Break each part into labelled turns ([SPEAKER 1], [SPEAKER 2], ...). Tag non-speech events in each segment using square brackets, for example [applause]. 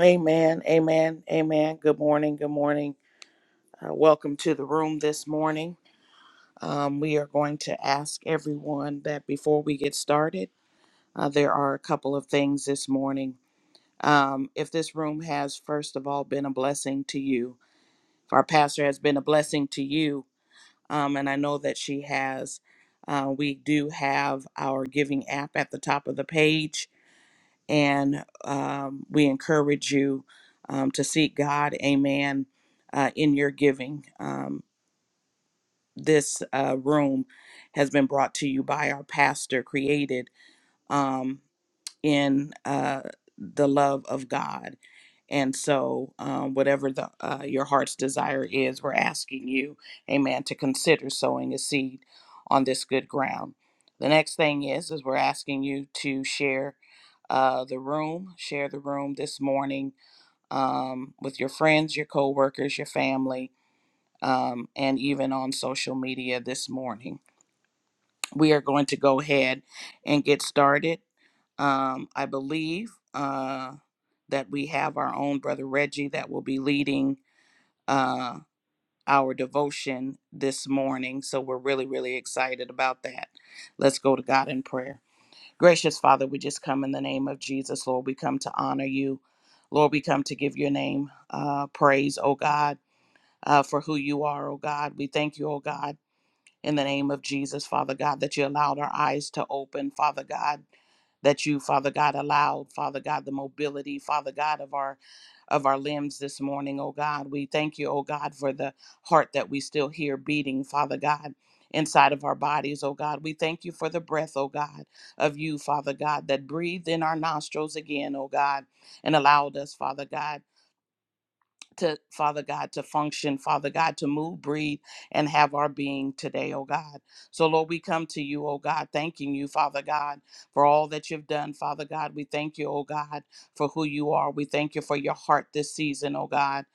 [SPEAKER 1] Amen. Amen. Amen. Good morning. Good morning. Uh, welcome to the room this morning. Um, we are going to ask everyone that before we get started, uh, there are a couple of things this morning. Um, if this room has, first of all, been a blessing to you, if our pastor has been a blessing to you, um, and I know that she has, uh, we do have our giving app at the top of the page and um, we encourage you um, to seek God, amen, uh, in your giving. Um, this uh, room has been brought to you by our pastor, created. um, in uh, the love of God. And so, um, whatever the, uh, your heart's desire is, we're asking you, amen, to consider sowing a seed on this good ground. The next thing is, is we're asking you to share uh, the room, share the room this morning um, with your friends, your coworkers, your family, um, and even on social media this morning. We are going to go ahead and get started. Um, I believe uh, that we have our own brother Reggie that will be leading uh, our devotion this morning. So we're really, really excited about that. Let's go to God in prayer. Gracious Father, we just come in the name of Jesus, Lord. We come to honor you. Lord, we come to give your name uh, praise, oh God, uh, for who you are, oh God. We thank you, oh God in the name of Jesus, Father God, that you allowed our eyes to open, Father God, that you, Father God, allowed, Father God, the mobility, Father God, of our of our limbs this morning, oh God. We thank you, oh God, for the heart that we still hear beating, Father God. Inside of our bodies, oh God. We thank you for the breath, oh God, of you, Father God, that breathed in our nostrils again, oh God, and allowed us, Father God to Father God to function, Father God to move, breathe, and have our being today, oh God. So, Lord, we come to you, oh God, thanking you, Father God, for all that you've done, Father God. We thank you, oh God, for who you are. We thank you for your heart this season, oh God.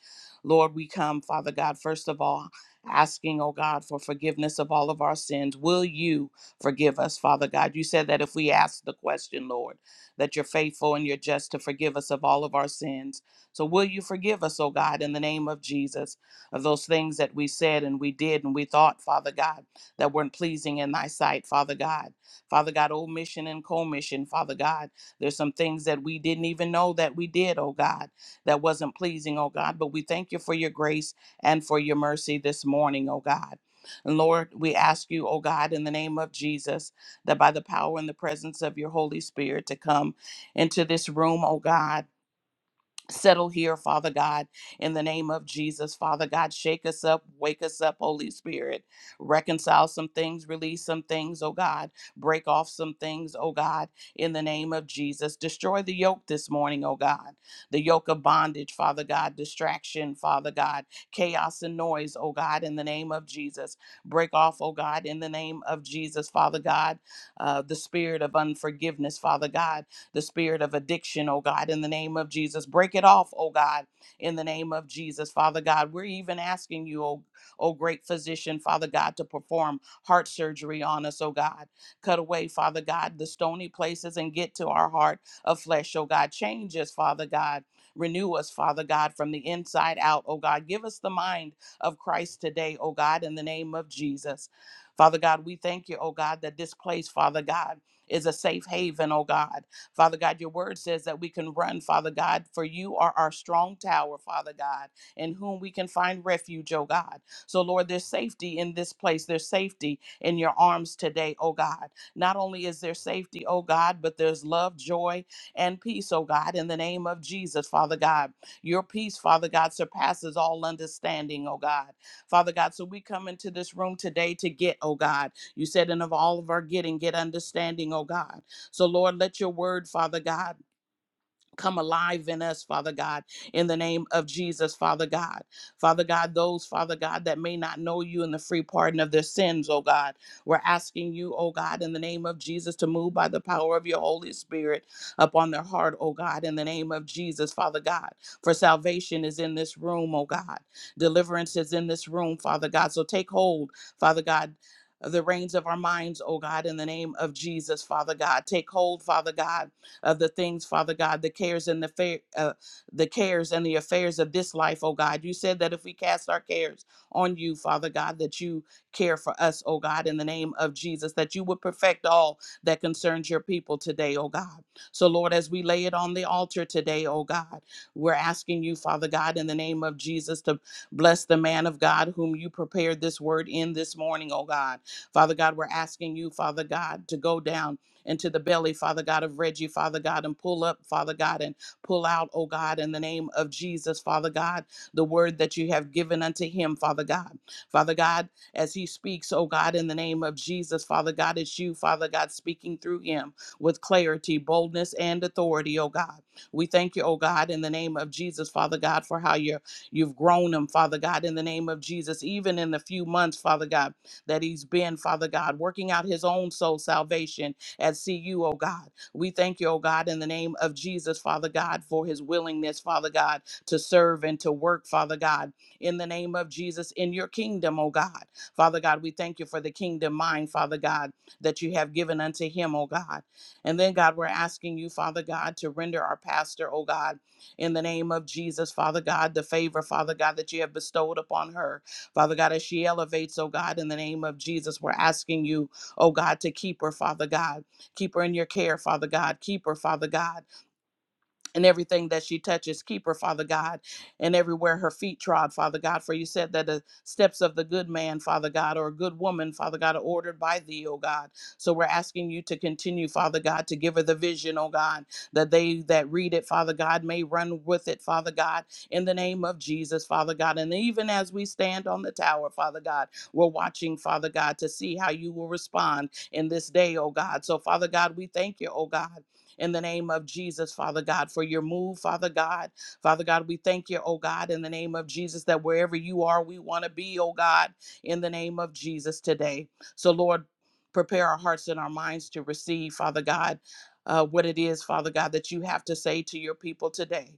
[SPEAKER 1] Lord, we come, Father God, first of all, asking, oh God, for forgiveness of all of our sins. Will you forgive us, Father God? You said that if we ask the question, Lord, that you're faithful and you're just to forgive us of all of our sins. So will you forgive us, oh God, in the name of Jesus, of those things that we said and we did and we thought, Father God, that weren't pleasing in thy sight, Father God. Father God, omission and commission, Father God. There's some things that we didn't even know that we did, oh God, that wasn't pleasing, oh God. But we thank you for your grace and for your mercy this morning, oh God. And Lord, we ask you, oh God, in the name of Jesus, that by the power and the presence of your Holy Spirit to come into this room, oh God Settle here, Father God, in the name of Jesus. Father God, shake us up, wake us up, Holy Spirit. Reconcile some things, release some things, oh God. Break off some things, oh God, in the name of Jesus. Destroy the yoke this morning, oh God. The yoke of bondage, Father God, distraction, Father God, chaos and noise, oh God, in the name of Jesus. Break off, oh God, in the name of Jesus, Father God, uh, the spirit of unforgiveness, Father God the spirit of addiction, oh God, in the name of Jesus. Break it off, oh God, in the name of Jesus, Father God. We're even asking you, oh, oh great physician, Father God, to perform heart surgery on us, oh God. Cut away, Father God, the stony places and get to our heart of flesh, oh God. Change us, Father God. Renew us, Father God, from the inside out, oh God. Give us the mind of Christ today, oh God, in the name of Jesus. Father God, we thank you, oh God, that this place, Father God, is a safe haven, oh God. Father God, your word says that we can run, Father God, for you are our strong tower, Father God, in whom we can find refuge, oh God. So, Lord, there's safety in this place. There's safety in your arms today, oh God. Not only is there safety, oh God, but there's love, joy, and peace, oh God, in the name of Jesus, Father God. Your peace, Father God, surpasses all understanding, oh God. Father God, so we come into this room today to get, oh God. You said, and of all of our getting, get understanding, oh God. So, Lord, let your word, Father God, come alive in us, Father God, in the name of Jesus, Father God. Father God, those, Father God, that may not know you in the free pardon of their sins, oh God, we're asking you, oh God, in the name of Jesus, to move by the power of your Holy Spirit upon their heart, oh God, in the name of Jesus, Father God. For salvation is in this room, oh God. Deliverance is in this room, Father God. So take hold, Father God. Of the reins of our minds, oh God, in the name of Jesus, Father God. Take hold, Father God of the things, Father God, the cares and the fair, uh, the cares and the affairs of this life, oh God. You said that if we cast our cares on you, Father God, that you care for us, oh God, in the name of Jesus, that you would perfect all that concerns your people today, oh God. So, Lord, as we lay it on the altar today, oh God, we're asking you, Father God, in the name of Jesus, to bless the man of God whom you prepared this word in this morning, oh God. Father God, we're asking you, Father God, to go down into the belly, Father God, of Reggie, Father God, and pull up, Father God, and pull out, oh God, in the name of Jesus, Father God, the word that you have given unto him, Father God. Father God, as he speaks, oh God, in the name of Jesus, Father God, it's you, Father God, speaking through him with clarity, boldness, and authority, oh God. We thank you, oh God, in the name of Jesus, Father God, for how you're, you've grown him, Father God, in the name of Jesus, even in the few months, Father God, that he's been, Father God, working out his own soul salvation at CU, oh God. We thank you, oh God, in the name of Jesus, Father God, for his willingness, Father God, to serve and to work, Father God, in the name of Jesus, in your kingdom, oh God. Father God, we thank you for the kingdom mind, Father God, that you have given unto him, oh God. And then, God, we're asking you, Father God, to render our pastor, oh God, in the name of Jesus, Father God, the favor, Father God, that you have bestowed upon her. Father God, as she elevates, oh God, in the name of Jesus, we're asking you, oh God, to keep her, Father God. Keep her in your care, Father God. Keep her, Father God and everything that she touches, keep her, Father God, and everywhere her feet trod, Father God. For you said that the steps of the good man, Father God, or a good woman, Father God, are ordered by thee, O God. So we're asking you to continue, Father God, to give her the vision, O God, that they that read it, Father God, may run with it, Father God, in the name of Jesus, Father God. And even as we stand on the tower, Father God, we're watching, Father God, to see how you will respond in this day, O God. So, Father God, we thank you, O God in the name of Jesus, Father God, for your move, Father God. Father God, we thank you, oh God, in the name of Jesus, that wherever you are, we want to be, oh God, in the name of Jesus today. So, Lord, prepare our hearts and our minds to receive, Father God, uh, what it is, Father God, that you have to say to your people today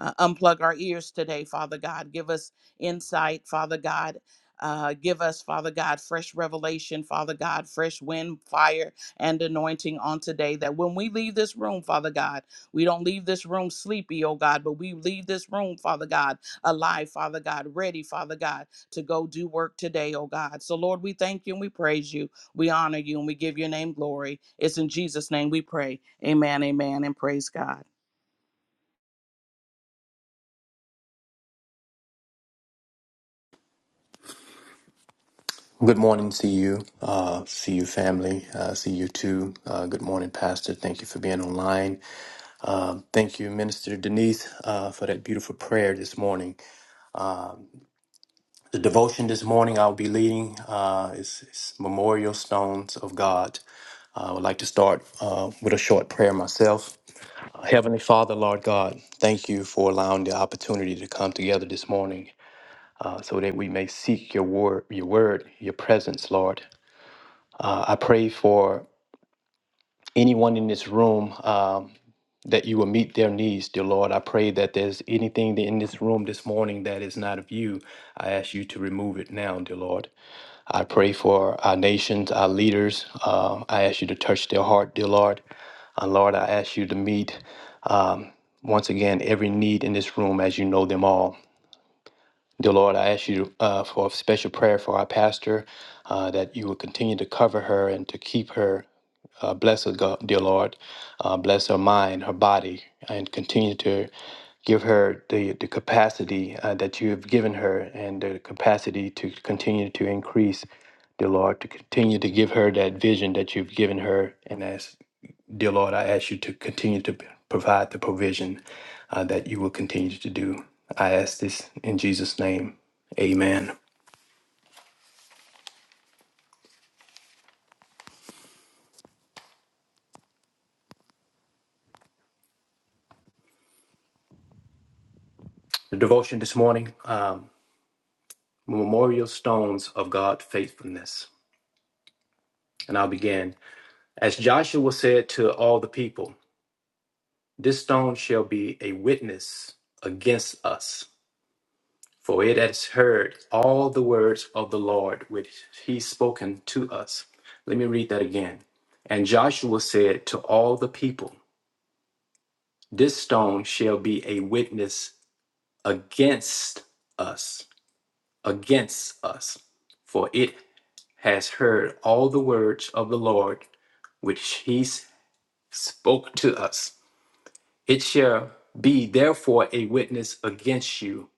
[SPEAKER 1] uh, unplug our ears today, Father God. Give us insight, Father God. Uh, give us, Father God, fresh revelation, Father God, fresh wind, fire, and anointing on today. That when we leave this room, Father God, we don't leave this room sleepy, oh God, but we leave this room, Father God, alive, Father God, ready, Father God, to go do work today, oh God. So, Lord, we thank you and we praise you. We honor you and we give your name glory. It's in Jesus' name we pray. Amen, amen, and praise God.
[SPEAKER 2] Good morning, see you, uh, see you family, uh, see you too. Uh, good morning, Pastor. Thank you for being online. Uh, thank you, Minister Denise, uh, for that beautiful prayer this morning. The devotion this morning I'll be leading uh, is, is Memorial Stones of God. Uh, I would like to start uh, with a short prayer myself. Uh, Heavenly Father, Lord God, thank you for allowing the opportunity to come together this morning uh, so that we may seek your word, your word, your presence, Lord. Uh, I pray for anyone in this room um, that you will meet their needs, dear Lord. I pray that there's anything in this room this morning that is not of you. I ask you to remove it now, dear Lord. I pray for our nations, our leaders. Uh, I ask you to touch their heart, dear Lord. And Lord, I ask you to meet once again every need in this room as you know them all. Dear Lord, I ask you uh, for a special prayer for our pastor, uh, that you will continue to cover her and to keep her Uh, bless her, God, dear Lord. Uh, bless her mind, her body, and continue to give her the, the capacity uh, that you have given her and the capacity to continue to increase, dear Lord, to continue to give her that vision that you've given her. And as, dear Lord, I ask you to continue to provide the provision uh, that you will continue to do. I ask this in Jesus' name. Amen. The devotion this morning, um, Memorial Stones of God's Faithfulness. And I'll begin. As Joshua said to all the people, This stone shall be a witness against us, for it has heard all the words of the Lord which he spoken to us. Let me read that again. And Joshua said to all the people, This stone shall be a witness against us, against us, for it has heard all the words of the Lord which he spoke to us. It shall be therefore a witness against you,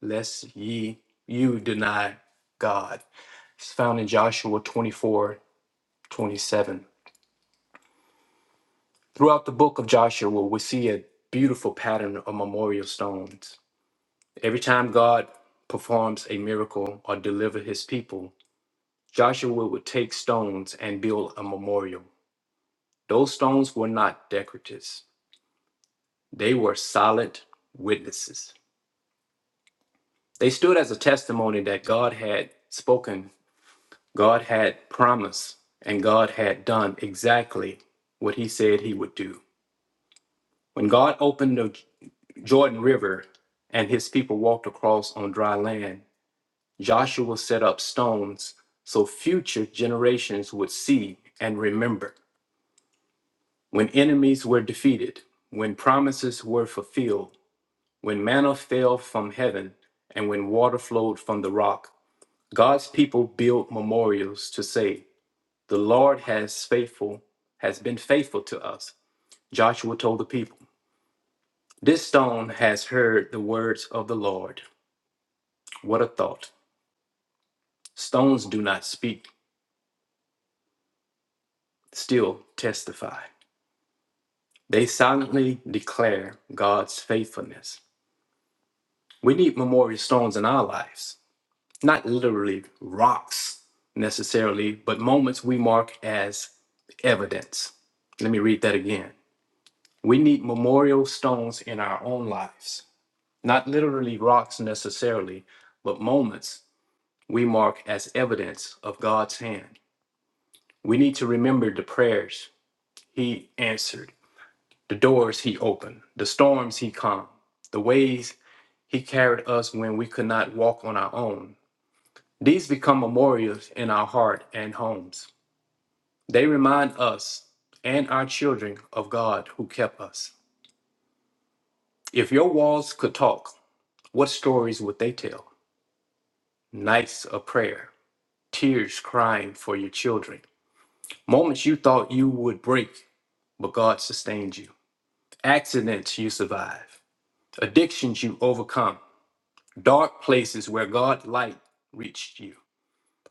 [SPEAKER 2] lest ye you deny God. It's found in Joshua 24, 27. Throughout the book of Joshua, we see a beautiful pattern of memorial stones. Every time God performs a miracle or delivers his people, Joshua would take stones and build a memorial. Those stones were not decorative. They were solid witnesses. They stood as a testimony that God had spoken, God had promised, and God had done exactly what he said he would do. When God opened the Jordan River and his people walked across on dry land, Joshua set up stones so future generations would see and remember. When enemies were defeated, when promises were fulfilled, when manna fell from heaven, and when water flowed from the rock, God's people build memorials to say, The Lord has faithful, has been faithful to us. Joshua told the people, This stone has heard the words of the Lord. What a thought. Stones do not speak, still testify. They silently declare God's faithfulness. We need memorial stones in our lives, not literally rocks necessarily, but moments we mark as evidence. Let me read that again. We need memorial stones in our own lives, not literally rocks necessarily, but moments we mark as evidence of God's hand. We need to remember the prayers He answered, the doors He opened, the storms He calmed, the ways He carried us when we could not walk on our own. These become memorials in our heart and homes. They remind us and our children of God who kept us. If your walls could talk, What stories would they tell? Nights of prayer, tears crying for your children, moments you thought you would break, but God sustained you, accidents you survive, addictions you overcome, dark places where God's light reached you.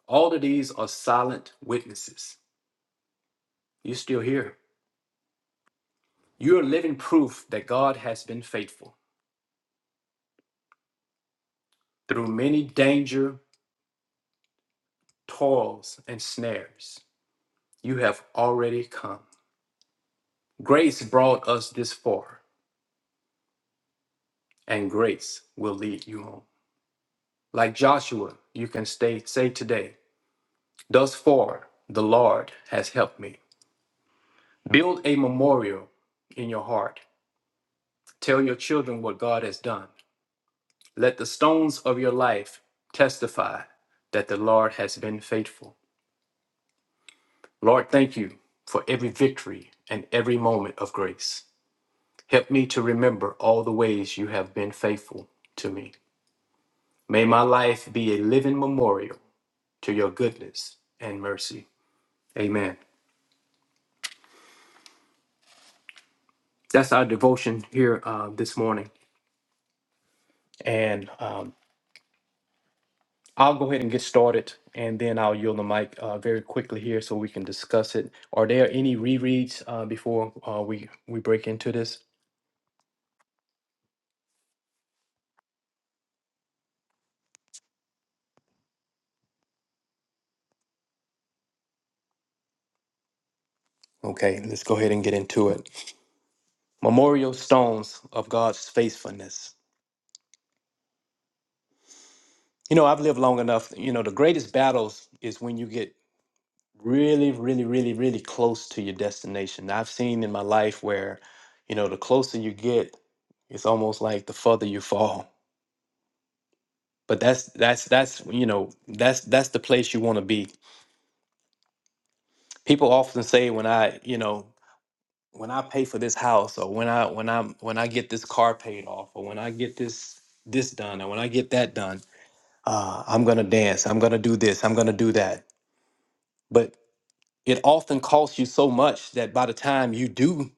[SPEAKER 2] All of these are silent witnesses. You're still here. You are living proof that God has been faithful. Through many danger, toils, and snares, you have already come. Grace brought us this far. and grace will lead you home. Like Joshua, you can stay, say today, Thus far, the Lord has helped me. Build a memorial in your heart. Tell your children what God has done. Let the stones of your life testify that the Lord has been faithful. Lord, thank you for every victory and every moment of grace. Help me to remember all the ways you have been faithful to me. May my life be a living memorial to your goodness and mercy. Amen. That's our devotion here uh, this morning. And um, I'll go ahead and get started, and then I'll yield the mic uh, very quickly here so we can discuss it. Are there any rereads uh, before uh, we, we break into this? Okay, let's go ahead and get into it. Memorial stones of God's faithfulness. You know, I've lived long enough. You know, the greatest battles is when you get really really really really close to your destination i've seen in my life where you know the closer you get it's almost like the further you fall but that's that's that's you know that's that's the place you want to be people often say when i you know when i pay for this house or when i when i when i get this car paid off or when i get this this done or when i get that done uh, i'm gonna dance i'm gonna do this i'm gonna do that but it often costs you so much that by the time you do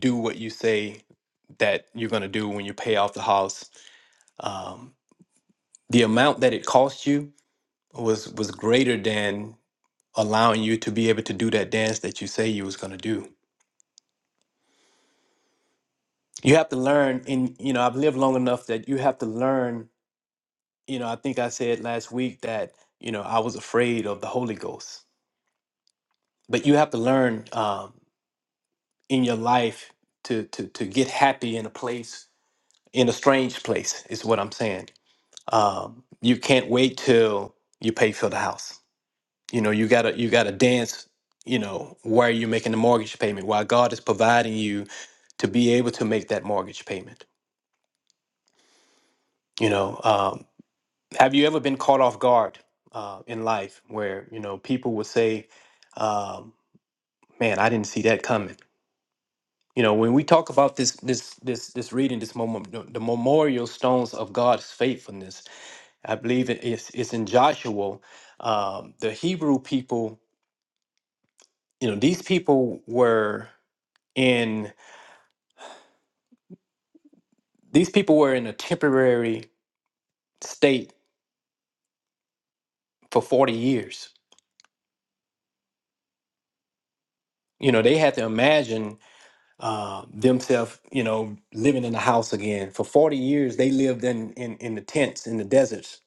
[SPEAKER 2] do what you say that you're going to do when you pay off the house. Um, the amount that it cost you was was greater than allowing you to be able to do that dance that you say you was going to do. You have to learn, and you know I've lived long enough that you have to learn. You know I think I said last week that you know I was afraid of the Holy Ghost, but you have to learn um, in your life to to to get happy in a place in a strange place is what I'm saying um, you can't wait till you pay for the house. You know, you gotta you gotta dance. You know, while you're making the mortgage payment, while God is providing you to be able to make that mortgage payment. You know, um, have you ever been caught off guard uh, in life where you know people will say, um, "Man, I didn't see that coming." You know, when we talk about this this this this reading this moment, the the memorial stones of God's faithfulness I believe it's, it's in Joshua. Um, the Hebrew people, you know, these people were in these people were in a temporary state for forty years. You know, they had to imagine uh, themselves, you know, living in a house again. For forty years, they lived in in, in the tents in the deserts.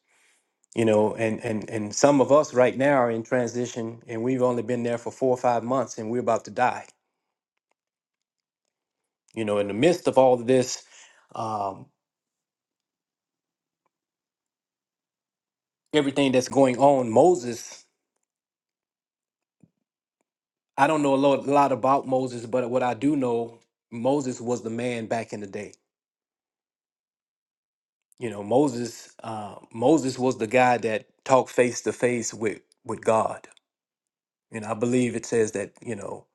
[SPEAKER 2] You know, and, and and some of us right now are in transition, and we've only been there for four or five months, and we're about to die. You know, in the midst of all of this, um, everything that's going on. Moses, I don't know a lot, lot about Moses, but what I do know, Moses was the man back in the day. You know, Moses, uh, Moses was the guy that talked face to face with with God. And I believe it says that you know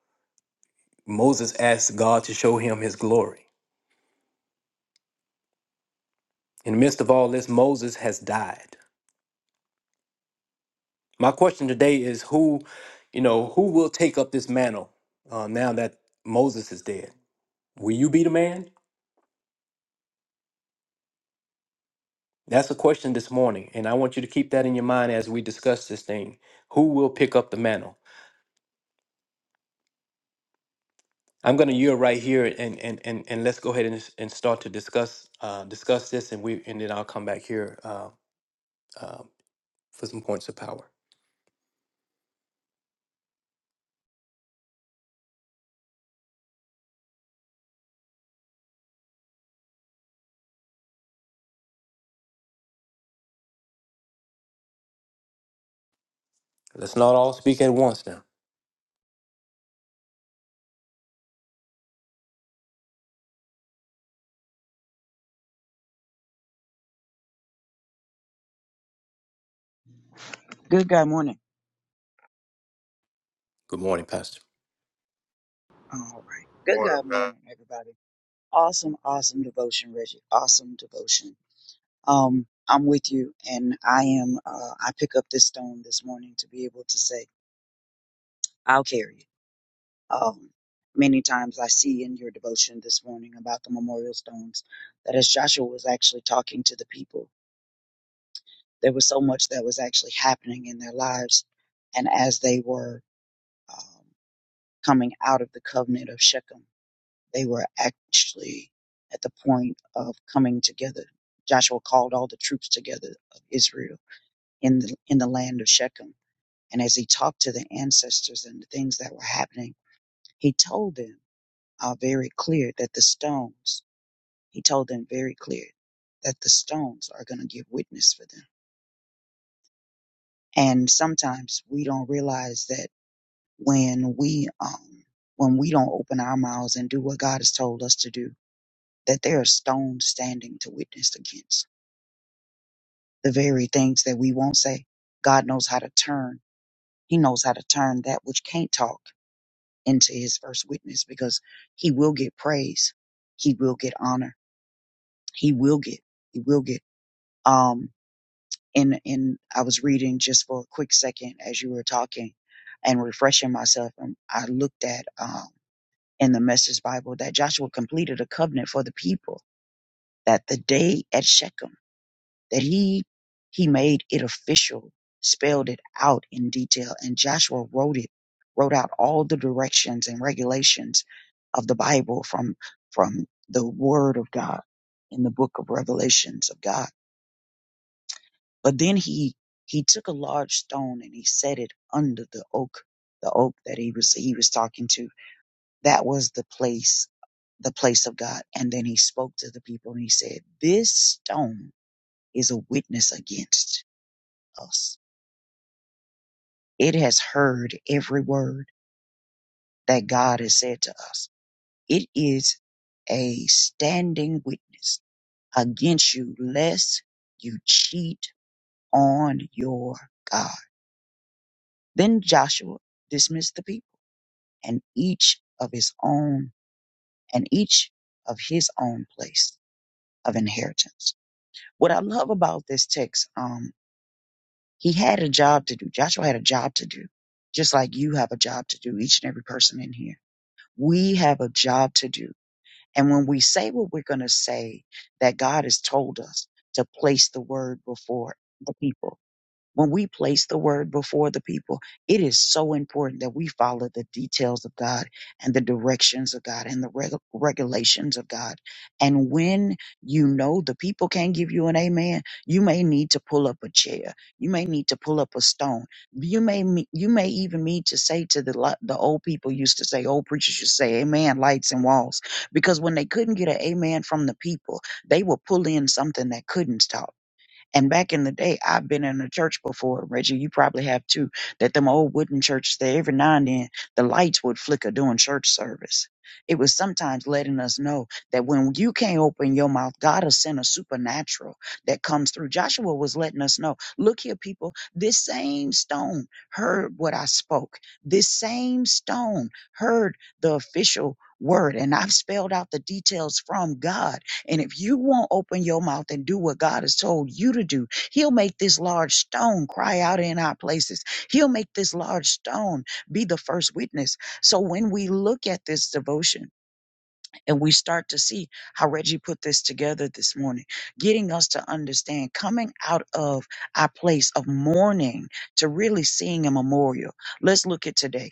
[SPEAKER 2] Moses asked God to show him His glory. In the midst of all this, Moses has died. My question today is who, you know, who will take up this mantle uh, now that Moses is dead? Will you be the man? That's a question this morning, and I want you to keep that in your mind as we discuss this thing. Who will pick up the mantle? I'm going to yield right here, and and and, and let's go ahead and, and start to discuss uh, discuss this, and we and then I'll come back here uh, uh, for some points of power. Let's not all speak at once now.
[SPEAKER 3] Good God morning.
[SPEAKER 2] Good morning, Pastor.
[SPEAKER 3] All right. Good
[SPEAKER 4] Morning,
[SPEAKER 3] God
[SPEAKER 4] Pat.
[SPEAKER 3] morning, everybody. Awesome, awesome devotion, Reggie. Awesome devotion. Um, I'm with you, and I am. Uh, I pick up this stone this morning to be able to say, "I'll carry it." Um, many times I see in your devotion this morning about the memorial stones that as Joshua was actually talking to the people, there was so much that was actually happening in their lives, and as they were um, coming out of the covenant of Shechem, they were actually at the point of coming together. Joshua called all the troops together of Israel in the in the land of Shechem And as he talked to the ancestors and the things that were happening, he told them uh, very clear that the stones, he told them very clear that the stones are going to give witness for them. And sometimes we don't realize that when we, um, when we don't open our mouths and do what God has told us to do, that there are stones standing to witness against the very things that we won't say. God knows how to turn. He knows how to turn that which can't talk into his first witness because he will get praise. He will get honor. He will get, he will get, um, and, and I was reading just for a quick second as you were talking and refreshing myself. And I looked at, um, in the message Bible that Joshua completed a covenant for the people that the day at Shechem that he, he made it official, spelled it out in detail. And Joshua wrote it, wrote out all the directions and regulations of the Bible, from, from the word of God in the book of revelations of God. But then he, he took a large stone and he set it under the oak, the oak that he was, he was talking to. That was the place, the place of God. And then he spoke to the people and he said, this stone is a witness against us. It has heard every word that God has said to us. It is a standing witness against you, lest you cheat on your God. Then Joshua dismissed the people and each of his own and each of his own place of inheritance. What I love about this text, um, he had a job to do. Joshua had a job to do, just like you have a job to do, each and every person in here. We have a job to do. And when we say what we're going to say, that God has told us to place the word before the people When we place the word before the people, it is so important that we follow the details of God and the directions of God and the reg- regulations of God. And when you know the people can't give you an amen, you may need to pull up a chair. You may need to pull up a stone. You may me- you may even need to say to the li- the old people used to say, old preachers used to say, "Amen, lights and walls," because when they couldn't get an amen from the people, they would pull in something that couldn't stop. And back in the day, I've been in a church before, Reggie. You probably have too. That them old wooden churches there, every now and then, the lights would flicker during church service. It was sometimes letting us know that when you can't open your mouth, God will send a supernatural that comes through. Joshua was letting us know, look here, people, this same stone heard what I spoke. This same stone heard the official word. And I've spelled out the details from God and if you won't open your mouth and do what God has told you to do, He'll make this large stone cry out in our places. He'll make this large stone be the first witness. So when we look at this devotion, and we start to see how Reggie put this together this morning, getting us to understand coming out of our place of mourning to really seeing a memorial. Let's look at today.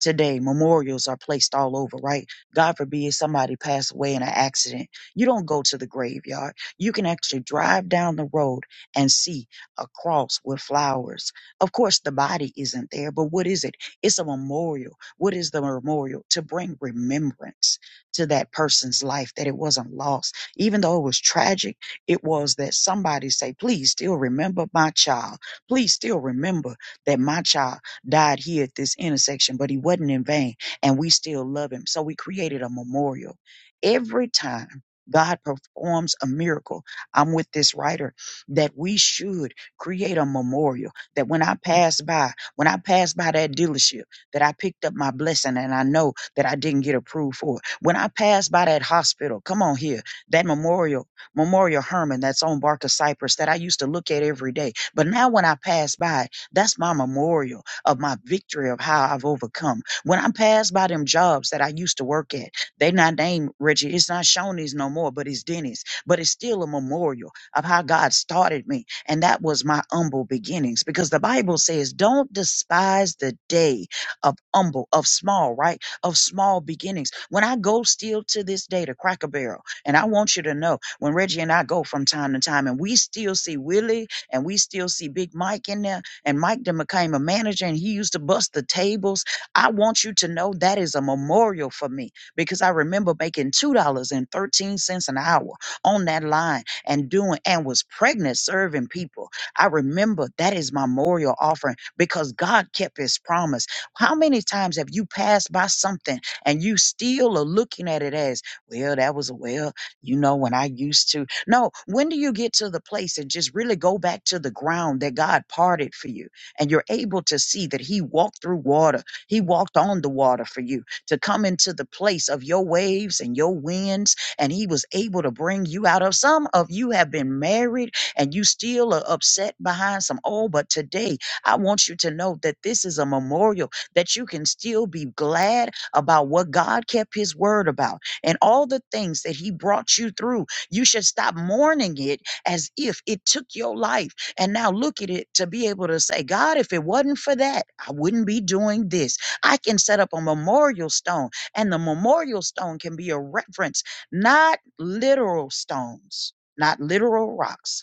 [SPEAKER 3] Today, memorials are placed all over, right? God forbid somebody passed away in an accident. You don't go to the graveyard. You can actually drive down the road and see a cross with flowers. Of course, the body isn't there, but what is it? It's a memorial. What is the memorial? To bring remembrance to that person's life, that it wasn't lost. Even though it was tragic, it was that somebody say, please still remember my child. Please still remember that my child died here at this intersection, but he wasn't in vain and we still love him. So we created a memorial. Every time God performs a miracle, I'm with this writer, that we should create a memorial that when I pass by, when I pass by that dealership, that I picked up my blessing and I know that I didn't get approved for. When I passed by that hospital, come on here, that memorial, Memorial Herman that's on Barker Cypress that I used to look at every day. But now when I pass by, that's my memorial of my victory of how I've overcome. When I pass by them jobs that I used to work at, they not named Reggie, it's not Shoney's no more, but it's Denny's. But it's still a memorial of how God started me. And that was my humble beginnings because the Bible says, don't despise the day of humble, of small, right? of small beginnings. When I go still to this day to Cracker Barrel, and I want you to know when Reggie and I go from time to time, and we still see Willie and we still see Big Mike in there, and Mike then became a manager and he used to bust the tables. I want you to know that is a memorial for me because I remember making $2.13 an hour on that line and doing and was pregnant serving people. I remember that is my memorial offering because God kept his promise. How many times have you passed by something and you still are looking at it as, well, that was, well, you know, when I used to. No, when do you get to the place and just really go back to the ground that God parted for you? And you're able to see that He walked through water, He walked on the water for you to come into the place of your waves and your winds. And He was able to bring you out of some of you have been married and you still are upset behind some. Oh, but today I want you to know that this is a memorial that you can still be glad about what God kept his word about and all the things that he brought you through. You should stop mourning it as if it took your life and now look at it to be able to say, God, if it wasn't for that, I wouldn't be doing this. I can set up a memorial stone, and the memorial stone can be a reference, not literal stones, not literal rocks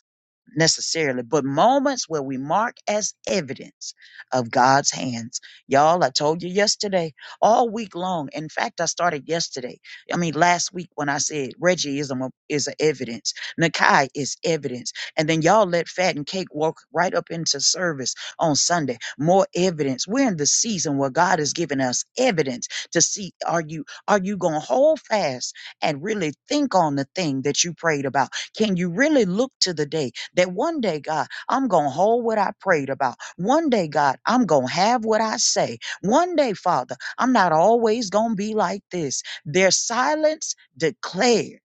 [SPEAKER 3] necessarily, but moments where we mark as evidence of God's hands. Y'all, I told you yesterday, all week long. In fact, I started yesterday. I mean, last week when I said Reggieism a- is a evidence, Nakai is evidence. And then y'all let Fat and Cake walk right up into service on Sunday. More evidence. We're in the season where God has given us evidence to see are you are you going to hold fast and really think on the thing that you prayed about? Can you really look to the day that one day, God, I'm going to hold what I prayed about. One day, God, I'm going to have what I say. One day, Father, I'm not always going to be like this. Their silence declared.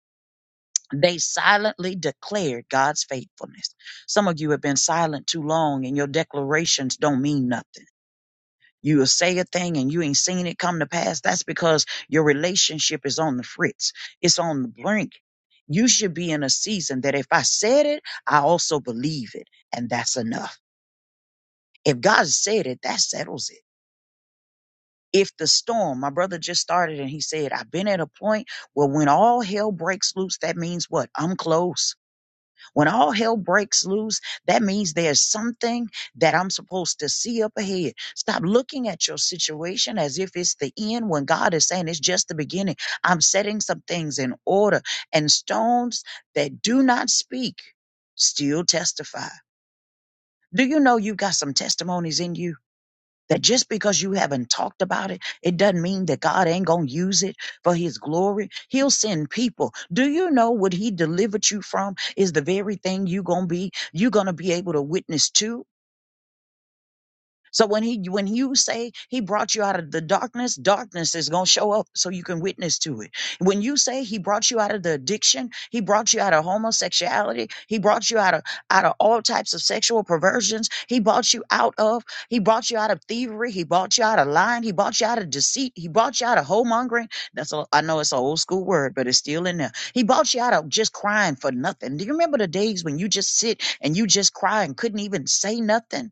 [SPEAKER 3] They silently declared God's faithfulness. Some of you have been silent too long and your declarations don't mean nothing. You will say a thing and you ain't seen it come to pass. That's because your relationship is on the fritz. It's on the brink. You should be in a season that if I said it, I also believe it. And that's enough. If God said it, that settles it. If the storm, my brother just started and he said, I've been at a point where when all hell breaks loose, that means what? I'm close. When all hell breaks loose, that means there's something that I'm supposed to see up ahead. Stop looking at your situation as if it's the end when God is saying it's just the beginning. I'm setting some things in order, and stones that do not speak still testify. Do you know you got some testimonies in you? That just because you haven't talked about it, it doesn't mean that God ain't going to use it for his glory. He'll send people. Do you know what he delivered you from is the very thing you going to be, you're going to be able to witness to? So when he when you say he brought you out of the darkness, darkness is going to show up so you can witness to it. When you say he brought you out of the addiction, he brought you out of homosexuality, he brought you out of out of all types of sexual perversions, he brought you out of, he brought you out of thievery, he brought you out of lying, he brought you out of deceit, he brought you out of homongering. That's a, I know it's an old school word, but it's still in there. He brought you out of just crying for nothing. Do you remember the days when you just sit and you just cry and couldn't even say nothing?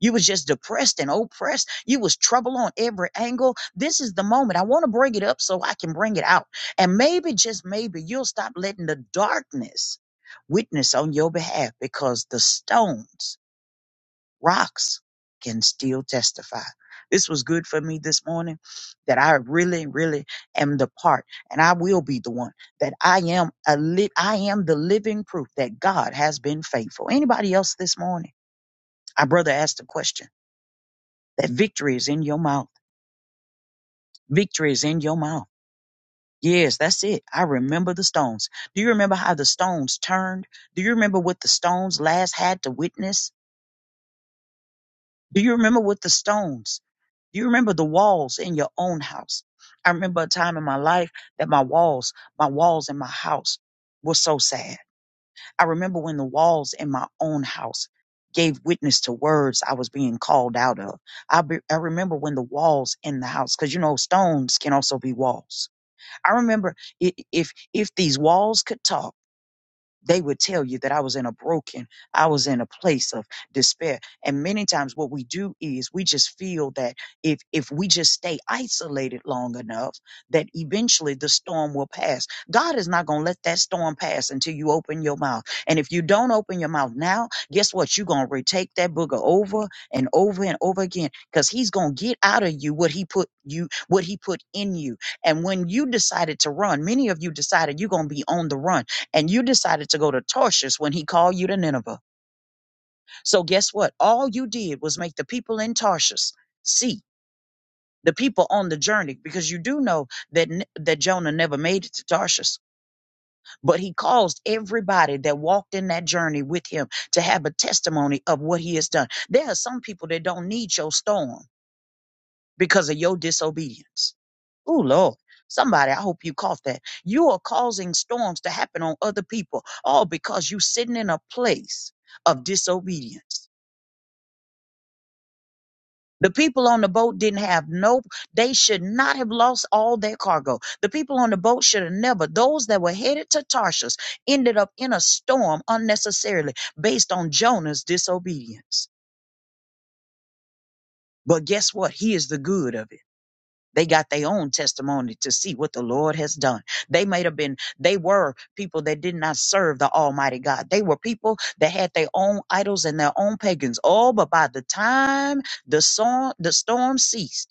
[SPEAKER 3] You was just depressed and oppressed. You was trouble on every angle. This is the moment. I want to bring it up so I can bring it out. And maybe, just maybe, you'll stop letting the darkness witness on your behalf because the stones, rocks, can still testify. This was good for me this morning that I really, really am the part and I will be the one that I am a li- I am the living proof that God has been faithful. Anybody else this morning? Our brother asked a question. That victory is in your mouth. Victory is in your mouth. Yes, that's it. I remember the stones. Do you remember how the stones turned? Do you remember what the stones last had to witness? Do you remember what the stones? Do you remember the walls in your own house? I remember a time in my life that my walls, my walls in my house were so sad. I remember when the walls in my own house gave witness to words I was being called out of. I, be, I remember when the walls in the house, because you know, stones can also be walls I remember i- if if these walls could talk they would tell you that I was in a broken, I was in a place of despair. And many times what we do is we just feel that if if we just stay isolated long enough, that eventually the storm will pass. God is not gonna let that storm pass until you open your mouth. And if you don't open your mouth now, guess what? You're gonna retake that booger over and over and over again. Cause he's gonna get out of you what he put you, what he put in you. And when you decided to run, many of you decided you're gonna be on the run and you decided to go to Tarshish when he called you to Nineveh. So guess what? All you did was make the people in Tarshish see the people on the journey because you do know that N- that Jonah never made it to Tarshish, but he caused everybody that walked in that journey with him to have a testimony of what he has done. There are some people that don't need your storm because of your disobedience. Oh, Lord. Somebody, I hope you caught that. You are causing storms to happen on other people, all because you're sitting in a place of disobedience. The people on the boat didn't have no, they should not have lost all their cargo. The people on the boat should have never, those that were headed to Tarshish ended up in a storm unnecessarily based on Jonah's disobedience. But guess what? He is the good of it. They got their own testimony to see what the Lord has done. They might have been, they were people that did not serve the Almighty God. They were people that had their own idols and their own pagans. Oh, but by the time the song, the storm ceased,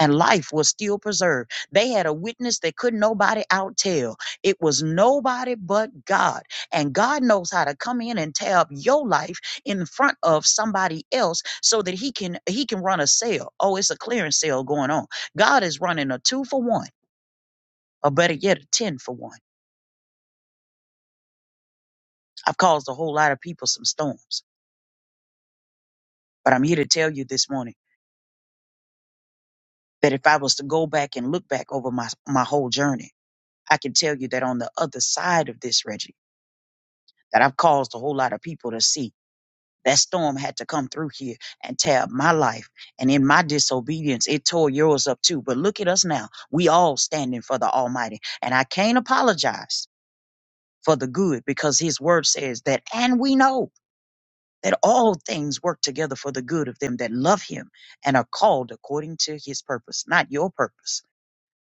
[SPEAKER 3] and life was still preserved. They had a witness that could nobody out tell. It was nobody but God. And God knows how to come in and tab your life in front of somebody else so that he can he can run a sale. Oh, it's a clearance sale going on. God is running a two for one, or better yet, a ten for one. I've caused a whole lot of people some storms. But I'm here to tell you this morning that if I was to go back and look back over my, my whole journey, I can tell you that on the other side of this, Reggie. that I've caused a whole lot of people to see. That storm had to come through here and tear up my life. And in my disobedience, it tore yours up too. But look at us now. We all standing for the Almighty. And I can't apologize for the good because his word says that, and we know that all things work together for the good of them that love him and are called according to his purpose, not your purpose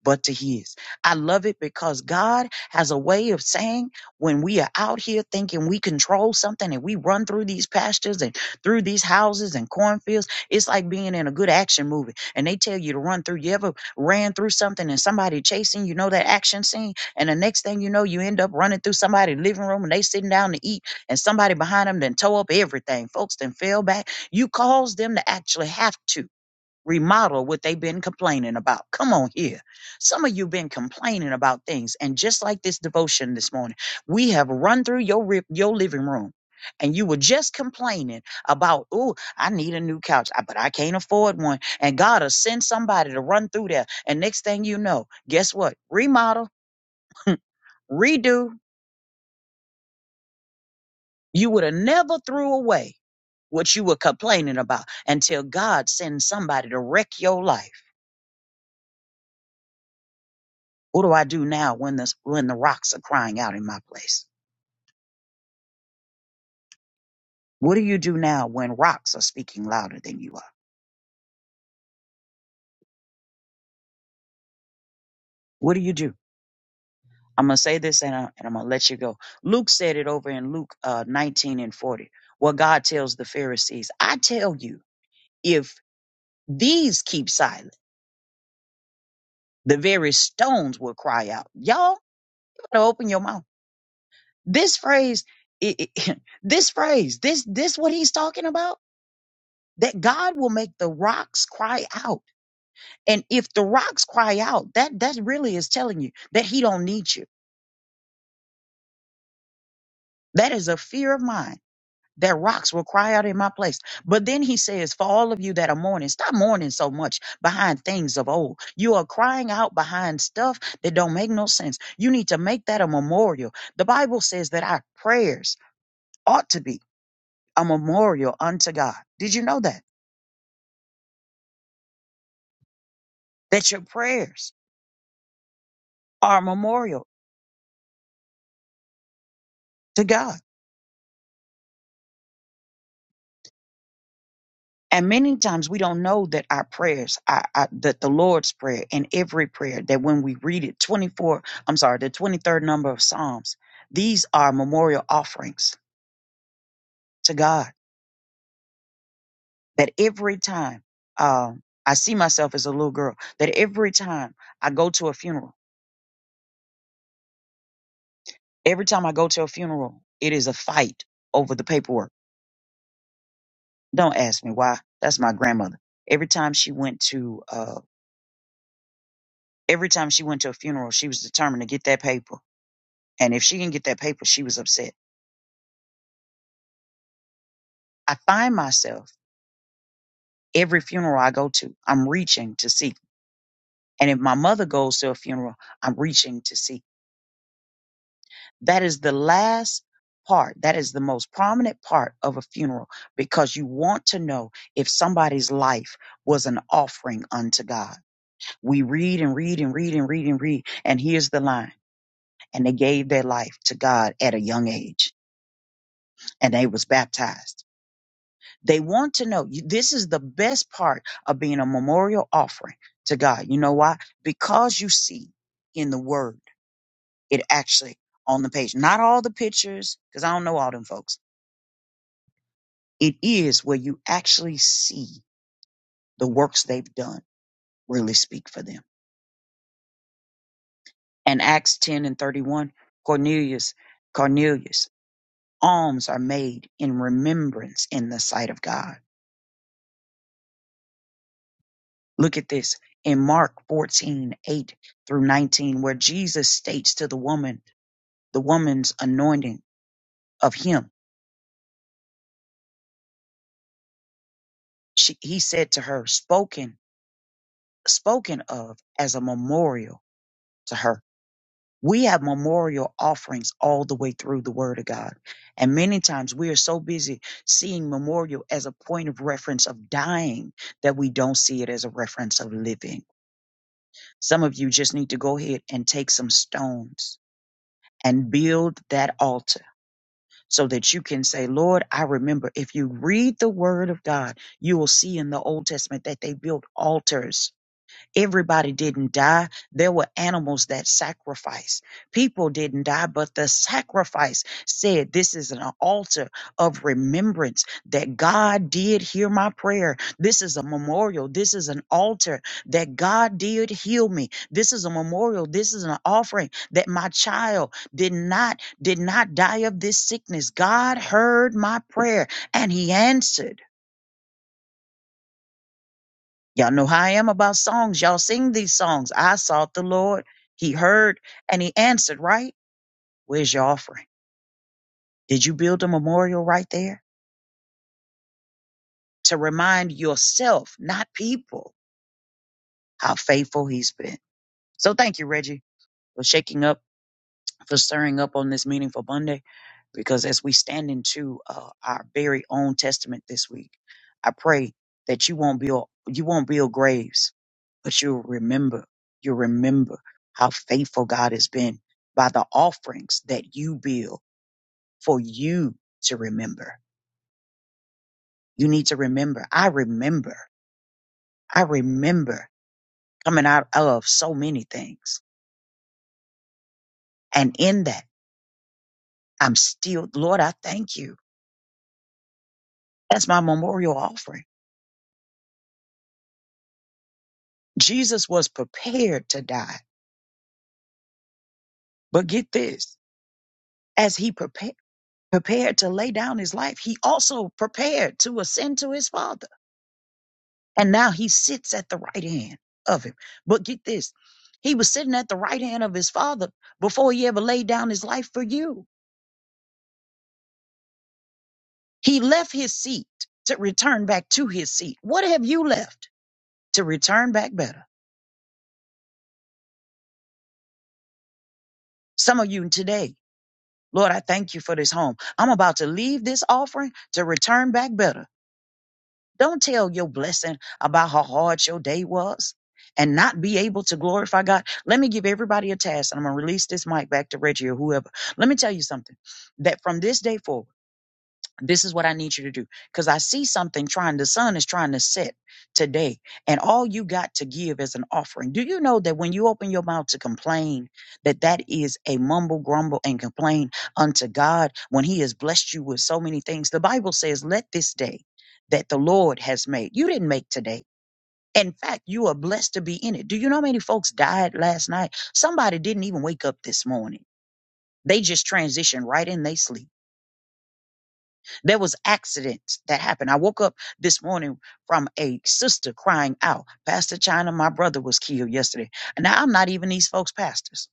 [SPEAKER 3] but to his. I love it because God has a way of saying when we are out here thinking we control something and we run through these pastures and through these houses and cornfields, it's like being in a good action movie and they tell you to run through. You ever ran through something and somebody chasing, you know, that action scene? And the next thing you know, you end up running through somebody's living room and they sitting down to eat and somebody behind them then tore up everything. Folks then fell back. You caused them to actually have to remodel what they've been complaining about. Come on here. Some of you been complaining about things and just like this devotion this morning, we have run through your rip, your living room and you were just complaining about, "Oh, I need a new couch, I- but I can't afford one." And God will send somebody to run through there. And next thing you know, guess what? Remodel, redo, you would have never threw away what you were complaining about until God sends somebody to wreck your life. What do I do now when the when the rocks are crying out in my place? What do you do now when rocks are speaking louder than you are? What do you do? I'm gonna say this and, I, and I'm gonna let you go. Luke said it over in Luke uh, 19 and 40. What God tells the Pharisees, I tell you, if these keep silent, the very stones will cry out. Y'all, you better open your mouth. This phrase, it, it- [laughs] this phrase, this this what he's talking about. That God will make the rocks cry out And if the rocks cry out, that that really is telling you that he don't need you. That is a fear of mine. That rocks will cry out in my place. But then he says, For all of you that are mourning, stop mourning so much behind things of old. You are crying out behind stuff that don't make no sense. You need to make that a memorial. The Bible says that our prayers ought to be a memorial unto God. Did you know that? That your prayers are a memorial to God And many times we don't know that our prayers, our, our- that the Lord's prayer and every prayer that when we read it, 24, I'm sorry, the 23rd number of Psalms, these are memorial offerings to God. That every time um, I see myself as a little girl, that every time I go to a funeral, every time I go to a funeral, it is a fight over the paperwork. Don't ask me why. That's my grandmother. Every time she went to, uh, every time she went to a funeral, she was determined to get that paper And if she didn't get that paper, she was upset. I find myself every funeral I go to, I'm reaching to see. And if my mother goes to a funeral, I'm reaching to see. That is the last part. That is the most prominent part of a funeral because you want to know if somebody's life was an offering unto God. We read and read and read and read and read. And here's the line. And they gave their life to God at a young age and they was baptized They want to know. You- This is the best part of being a memorial offering to God. You know why? Because you see in the word, it actually on the page, not all the pictures, because I don't know all them folks. It is where you actually see the works they've done really speak for them. And Acts 10 and 31, Cornelius, Cornelius, alms are made in remembrance in the sight of God. Look at this in Mark 14 8 through 19, where Jesus states to the woman, the woman's anointing of him. She, he said to her, spoken, spoken of as a memorial to her. We have memorial offerings all the way through the word of God. And many times we are so busy seeing memorial as a point of reference of dying that we don't see it as a reference of living. Some of you just need to go ahead and take some stones and build that altar so that you can say, Lord, I remember. If you read the word of God, you will see in the Old Testament that they built altars Everybody didn't die. There were animals that sacrificed. People didn't die, but the sacrifice said, This is an altar of remembrance that God did hear my prayer. This is a memorial. This is an altar that God did heal me. This is a memorial. This is an offering that my child did not did not die of this sickness. God heard my prayer and he answered. Y'all know how I am about songs. Y'all sing these songs. I sought the Lord. He heard and he answered, right? Where's your offering? Did you build a memorial right there to remind yourself, not people, how faithful he's been? So thank you, Reggie, for shaking up, for stirring up on this meaningful Monday. Because as we stand into uh, our very own testament this week, I pray that you won't build you won't build graves but you'll remember, you'll remember how faithful God has been by the offerings that you build for you to remember. You need to remember. I remember. I remember coming out of so many things. And in that, I'm still, Lord, I thank you. That's my memorial offering. Jesus was prepared to die. But get this, as he prepared, prepared to lay down his life, he also prepared to ascend to his Father. And now he sits at the right hand of him. But get this he was sitting at the right hand of his father before he ever laid down his life for you. He left his seat to return back to his seat. What have you left to return back better? Some of you today, Lord, I thank you for this home. I'm about to leave this offering to return back better Don't tell your blessing about how hard your day was and not be able to glorify God. Let me give everybody a task and I'm going to release this mic back to Reggie or whoever. Let me tell you something that from this day forward, this is what I need you to do. Because I see something trying, the sun is trying to set today, and all you got to give is an offering. Do you know that when you open your mouth to complain, that that is a mumble, grumble, and complain unto God when He has blessed you with so many things? The Bible says, Let this day that the Lord has made, you didn't make today. In fact, you are blessed to be in it. Do you know how many folks died last night? Somebody didn't even wake up this morning. They just transitioned right in they sleep there was accidents that happened. I woke up this morning from a sister crying out, Pastor China, my brother was killed yesterday. And now I'm not even these folks' pastors.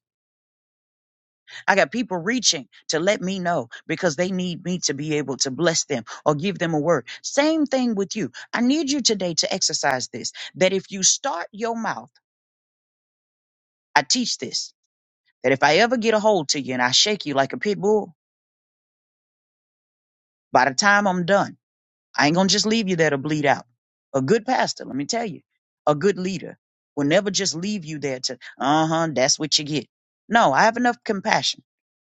[SPEAKER 3] I got people reaching to let me know because they need me to be able to bless them or give them a word. Same thing with you. I need you today to exercise this that if you start your mouth, I teach this that if I ever get a hold to you and I shake you like a pit bull, by the time I'm done, I ain't gonna just leave you there to bleed out. A good pastor, let me tell you, a good leader will never just leave you there to, uh huh, that's what you get. No, I have enough compassion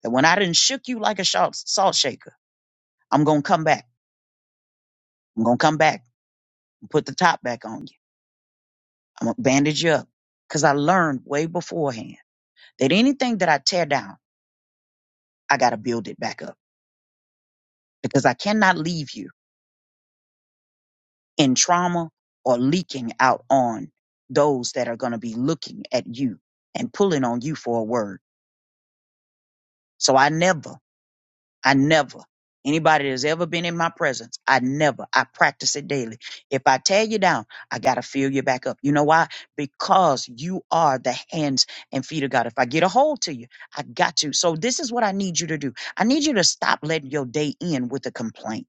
[SPEAKER 3] that when I didn't shook you like a salt, salt shaker, I'm gonna come back. I'm gonna come back and put the top back on you. I'm gonna bandage you up. Cause I learned way beforehand that anything that I tear down, I gotta build it back up because I cannot leave you. in trauma or leaking out on those that are going to be looking at you and pulling on you for a word. So I never, I never, anybody that's ever been in my presence, I never, I practice it daily. If I tear you down, I got to fill you back up. You know why? Because you are the hands and feet of God. If I get a hold to you, I got you. So this is what I need you to do. I need you to stop letting your day end with a complaint.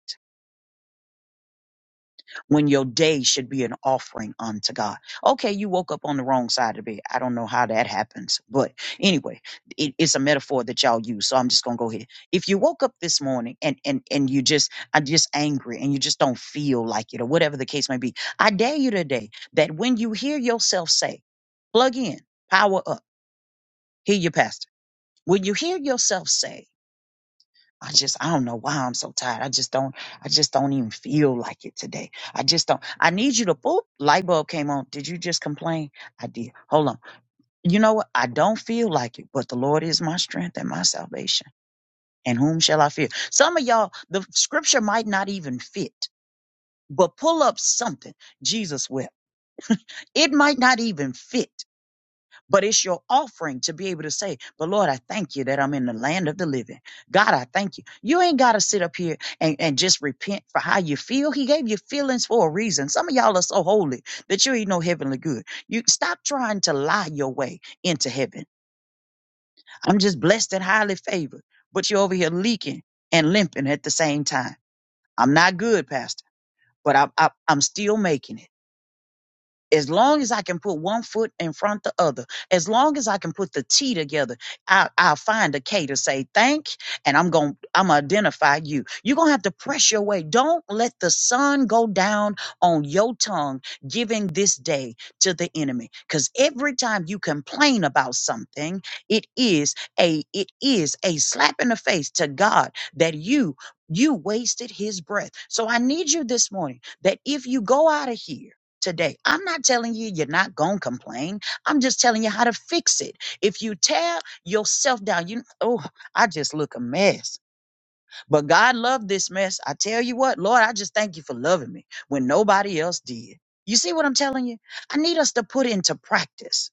[SPEAKER 3] when your day should be an offering unto God. Okay, you woke up on the wrong side of the bed. I don't know how that happens, but anyway, it, it's a metaphor that y'all use. So I'm just gonna go ahead. If you woke up this morning and and and you just are just angry and you just don't feel like it or whatever the case may be, I dare you today that when you hear yourself say, plug in, power up, hear your pastor. When you hear yourself say I just I don't know why I'm so tired. I just don't I just don't even feel like it today. I just don't I need you to boop light bulb came on. Did you just complain? I did. Hold on. You know what? I don't feel like it, but the Lord is my strength and my salvation. And whom shall I fear? Some of y'all, the scripture might not even fit, but pull up something. Jesus wept. It might not even fit. but it's your offering to be able to say, But Lord, I thank you that I'm in the land of the living. God, I thank you. You ain't got to sit up here and, and just repent for how you feel. He gave you feelings for a reason. Some of y'all are so holy that you ain't no heavenly good. You stop trying to lie your way into heaven. I'm just blessed and highly favored, but you're over here leaking and limping at the same time. I'm not good, Pastor, but I, I, I'm still making it. As long as I can put one foot in front the other, as long as I can put the T together, I, I'll find a K to say thank, and I'm going to I'm gonna identify you. You're gonna have to press your way. Don't let the sun go down on your tongue, giving this day to the enemy. Because every time you complain about something, it is a it is a slap in the face to God that you you wasted his breath. So I need you this morning that if you go out of here today. I'm not telling you you're not going to complain. I'm just telling you how to fix it. If you tear yourself down, you oh, I just look a mess. But God loved this mess. I tell you what, Lord, I just thank you for loving me when nobody else did. You see what I'm telling you? I need us to put into practice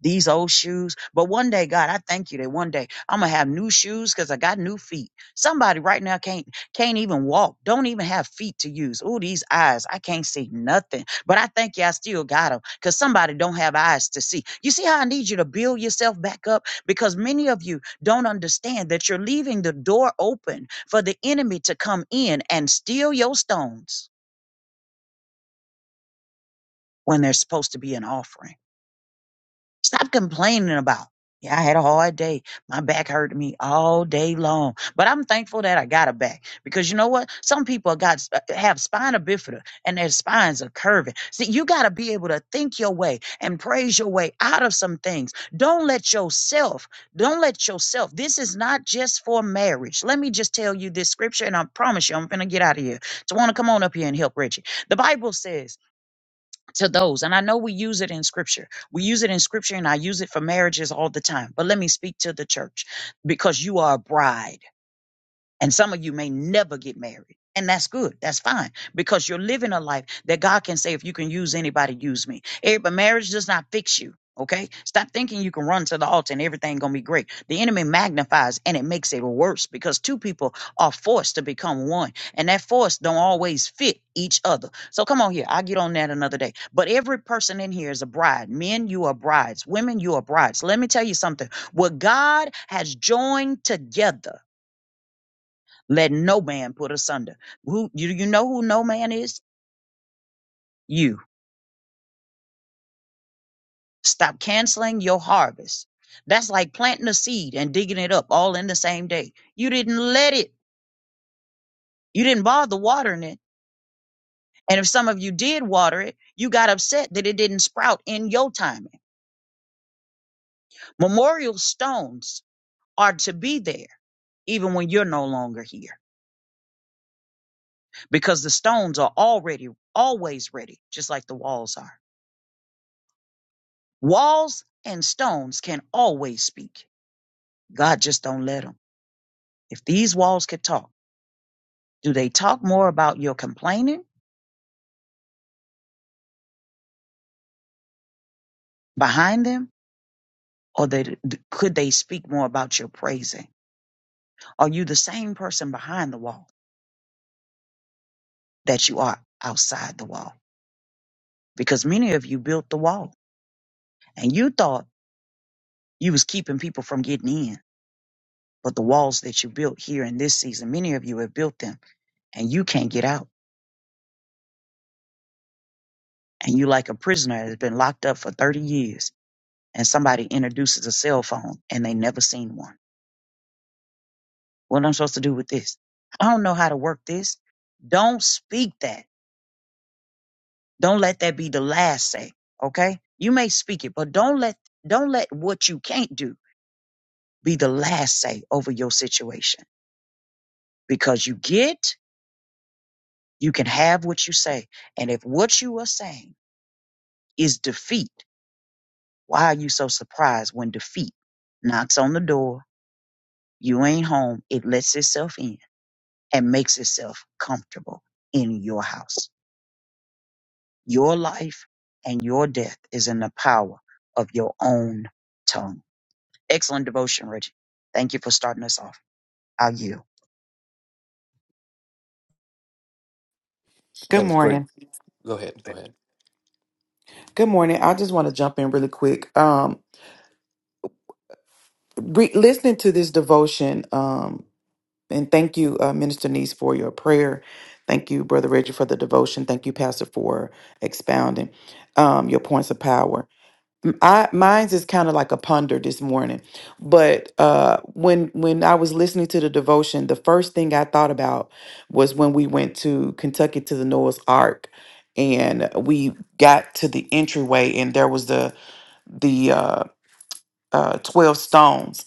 [SPEAKER 3] these old shoes. But one day, God, I thank you that one day I'm gonna have new shoes because I got new feet. Somebody right now can't can't even walk, don't even have feet to use. Oh, these eyes, I can't see nothing. But I thank you, I still got them because somebody don't have eyes to see. You see how I need you to build yourself back up because many of you don't understand that you're leaving the door open for the enemy to come in and steal your stones when they're supposed to be an offering. Stop complaining about. Yeah, I had a hard day. My back hurt me all day long, but I'm thankful that I got a back because you know what? Some people got uh, have spina bifida and their spines are curving. See, you got to be able to think your way and praise your way out of some things. Don't let yourself, don't let yourself. This is not just for marriage. Let me just tell you this scripture, and I promise you, I'm gonna get out of here. So, I want to come on up here and help Richie. The Bible says to those. And I know we use it in scripture. We use it in scripture and I use it for marriages all the time. But let me speak to the church because you are a bride. And some of you may never get married. And that's good. That's fine. Because you're living a life that God can say, if you can use anybody, use me. Eh, But marriage does not fix you. Okay? Stop thinking you can run to the altar and everything gonna be great. The enemy magnifies and it makes it worse because two people are forced to become one. And that force don't always fit each other. So come on here. I'll get on that another day. But every person in here is a bride. Men, you are brides. Women, you are brides. Let me tell you something. What God has joined together. Let no man put asunder. Who you, you know who no man is? You. Stop canceling your harvest. That's like planting a seed and digging it up all in the same day. You didn't let it. You didn't bother watering it. And if some of you did water it, you got upset that it didn't sprout in your timing. Memorial stones are to be there even when you're no longer here because the stones are already always ready, just like the walls are. Walls and stones can always speak. God just don't let them. If these walls could talk, do they talk more about your complaining behind them, or they, could they speak more about your praising? Are you the same person behind the wall that you are outside the wall? Because many of you built the wall, and you thought you was keeping people from getting in, but the walls that you built here in this season, many of you have built them, and you can't get out, and you like a prisoner that's been locked up for thirty years, and somebody introduces a cell phone, and they never seen one What I'm supposed to do with this? I don't know how to work this. Don't speak that. Don't let that be the last say. Okay? You may speak it, but don't let don't let what you can't do be the last say over your situation. Because you get, you can have what you say. And if what you are saying is defeat, why are you so surprised when defeat knocks on the door, you ain't home, it lets itself in and makes itself comfortable in your house? Your life and your death is in the power of your own tongue. Excellent devotion, Reggie. Thank you for starting us off. I'll yield.
[SPEAKER 5] Good
[SPEAKER 2] That was great.
[SPEAKER 5] morning.
[SPEAKER 2] Go ahead. Go ahead.
[SPEAKER 5] Good morning. I just want to jump in really quick. Um, re- listening to this devotion, um, and thank you, uh, Minister Niece, for your prayer. Thank you, Brother Reggie, for the devotion. Thank you, Pastor, for expounding um, your points of power. M- I mine's is kind of like a ponder this morning, but uh, when when I was listening to the devotion, the first thing I thought about was when we went to Kentucky to the Noah's Ark, and we got to the entryway, and there was the the uh, uh, twelve stones.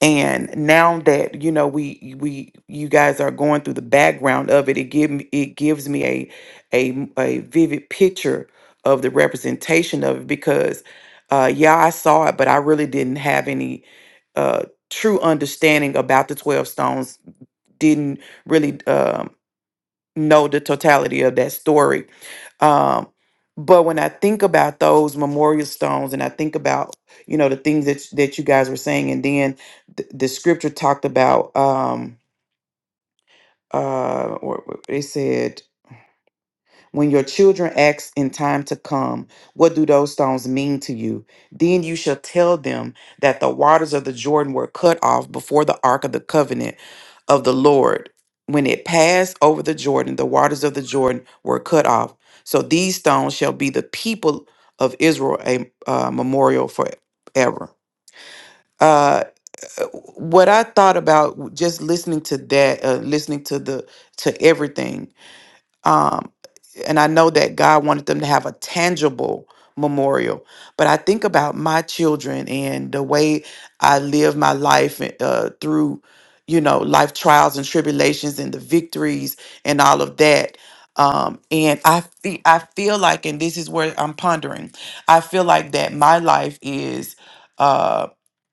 [SPEAKER 5] And now that you know we we you guys are going through the background of it, it give me it gives me a a a vivid picture of the representation of it because uh, yeah I saw it, but I really didn't have any uh, true understanding about the twelve stones. Didn't really um, know the totality of that story um, but when I think about those memorial stones, and I think about you know the things that that you guys were saying, and then the, the scripture talked about um, uh, or or it said when your children ask in time to come, What do those stones mean to you? Then you shall tell them that the waters of the Jordan were cut off before the ark of the covenant of the Lord. When it passed over the Jordan, the waters of the Jordan were cut off. So these stones shall be the people of Israel a uh, memorial forever. Uh, what I thought about just listening to that, uh, listening to the to everything. um, and I know that God wanted them to have a tangible memorial. But I think about my children and the way I live my life uh, through, you know, life trials and tribulations and the victories and all of that. Um, and I feel I feel like, and this is where I'm pondering. I feel like that my life is uh,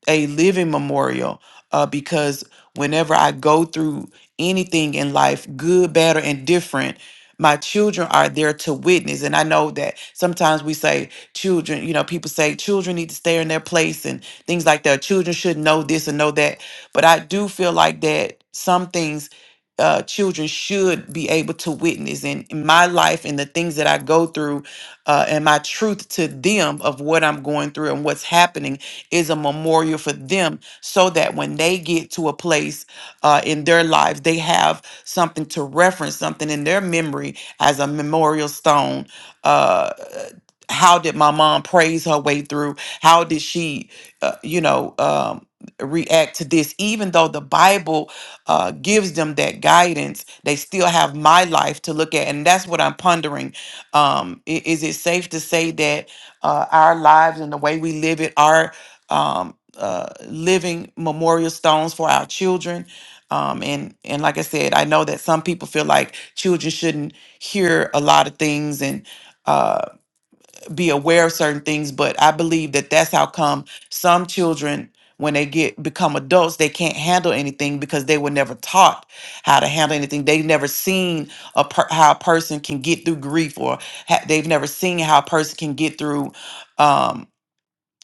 [SPEAKER 5] a living memorial uh, because whenever I go through anything in life, good, bad, or indifferent my children are there to witness and i know that sometimes we say children you know people say children need to stay in their place and things like that children should know this and know that but i do feel like that some things uh, children should be able to witness and in my life and the things that i go through uh, and my truth to them of what i'm going through and what's happening is a memorial for them so that when they get to a place uh, in their lives. They have something to reference, something in their memory as a memorial stone. Uh, how did my mom praise her way through? How did she, uh, you know, um, react to this? Even though the Bible uh, gives them that guidance, they still have my life to look at. And that's what I'm pondering. Um, i- is it safe to say that uh, our lives and the way we live it are um, uh, living memorial stones for our children? um, and and like I said, I know that some people feel like children shouldn't hear a lot of things and uh, be aware of certain things, but I believe that that's how come some children, when they get become adults, they can't handle anything because they were never taught how to handle anything. They've never seen a per- how a person can get through grief, or ha- they've never seen how a person can get through. um,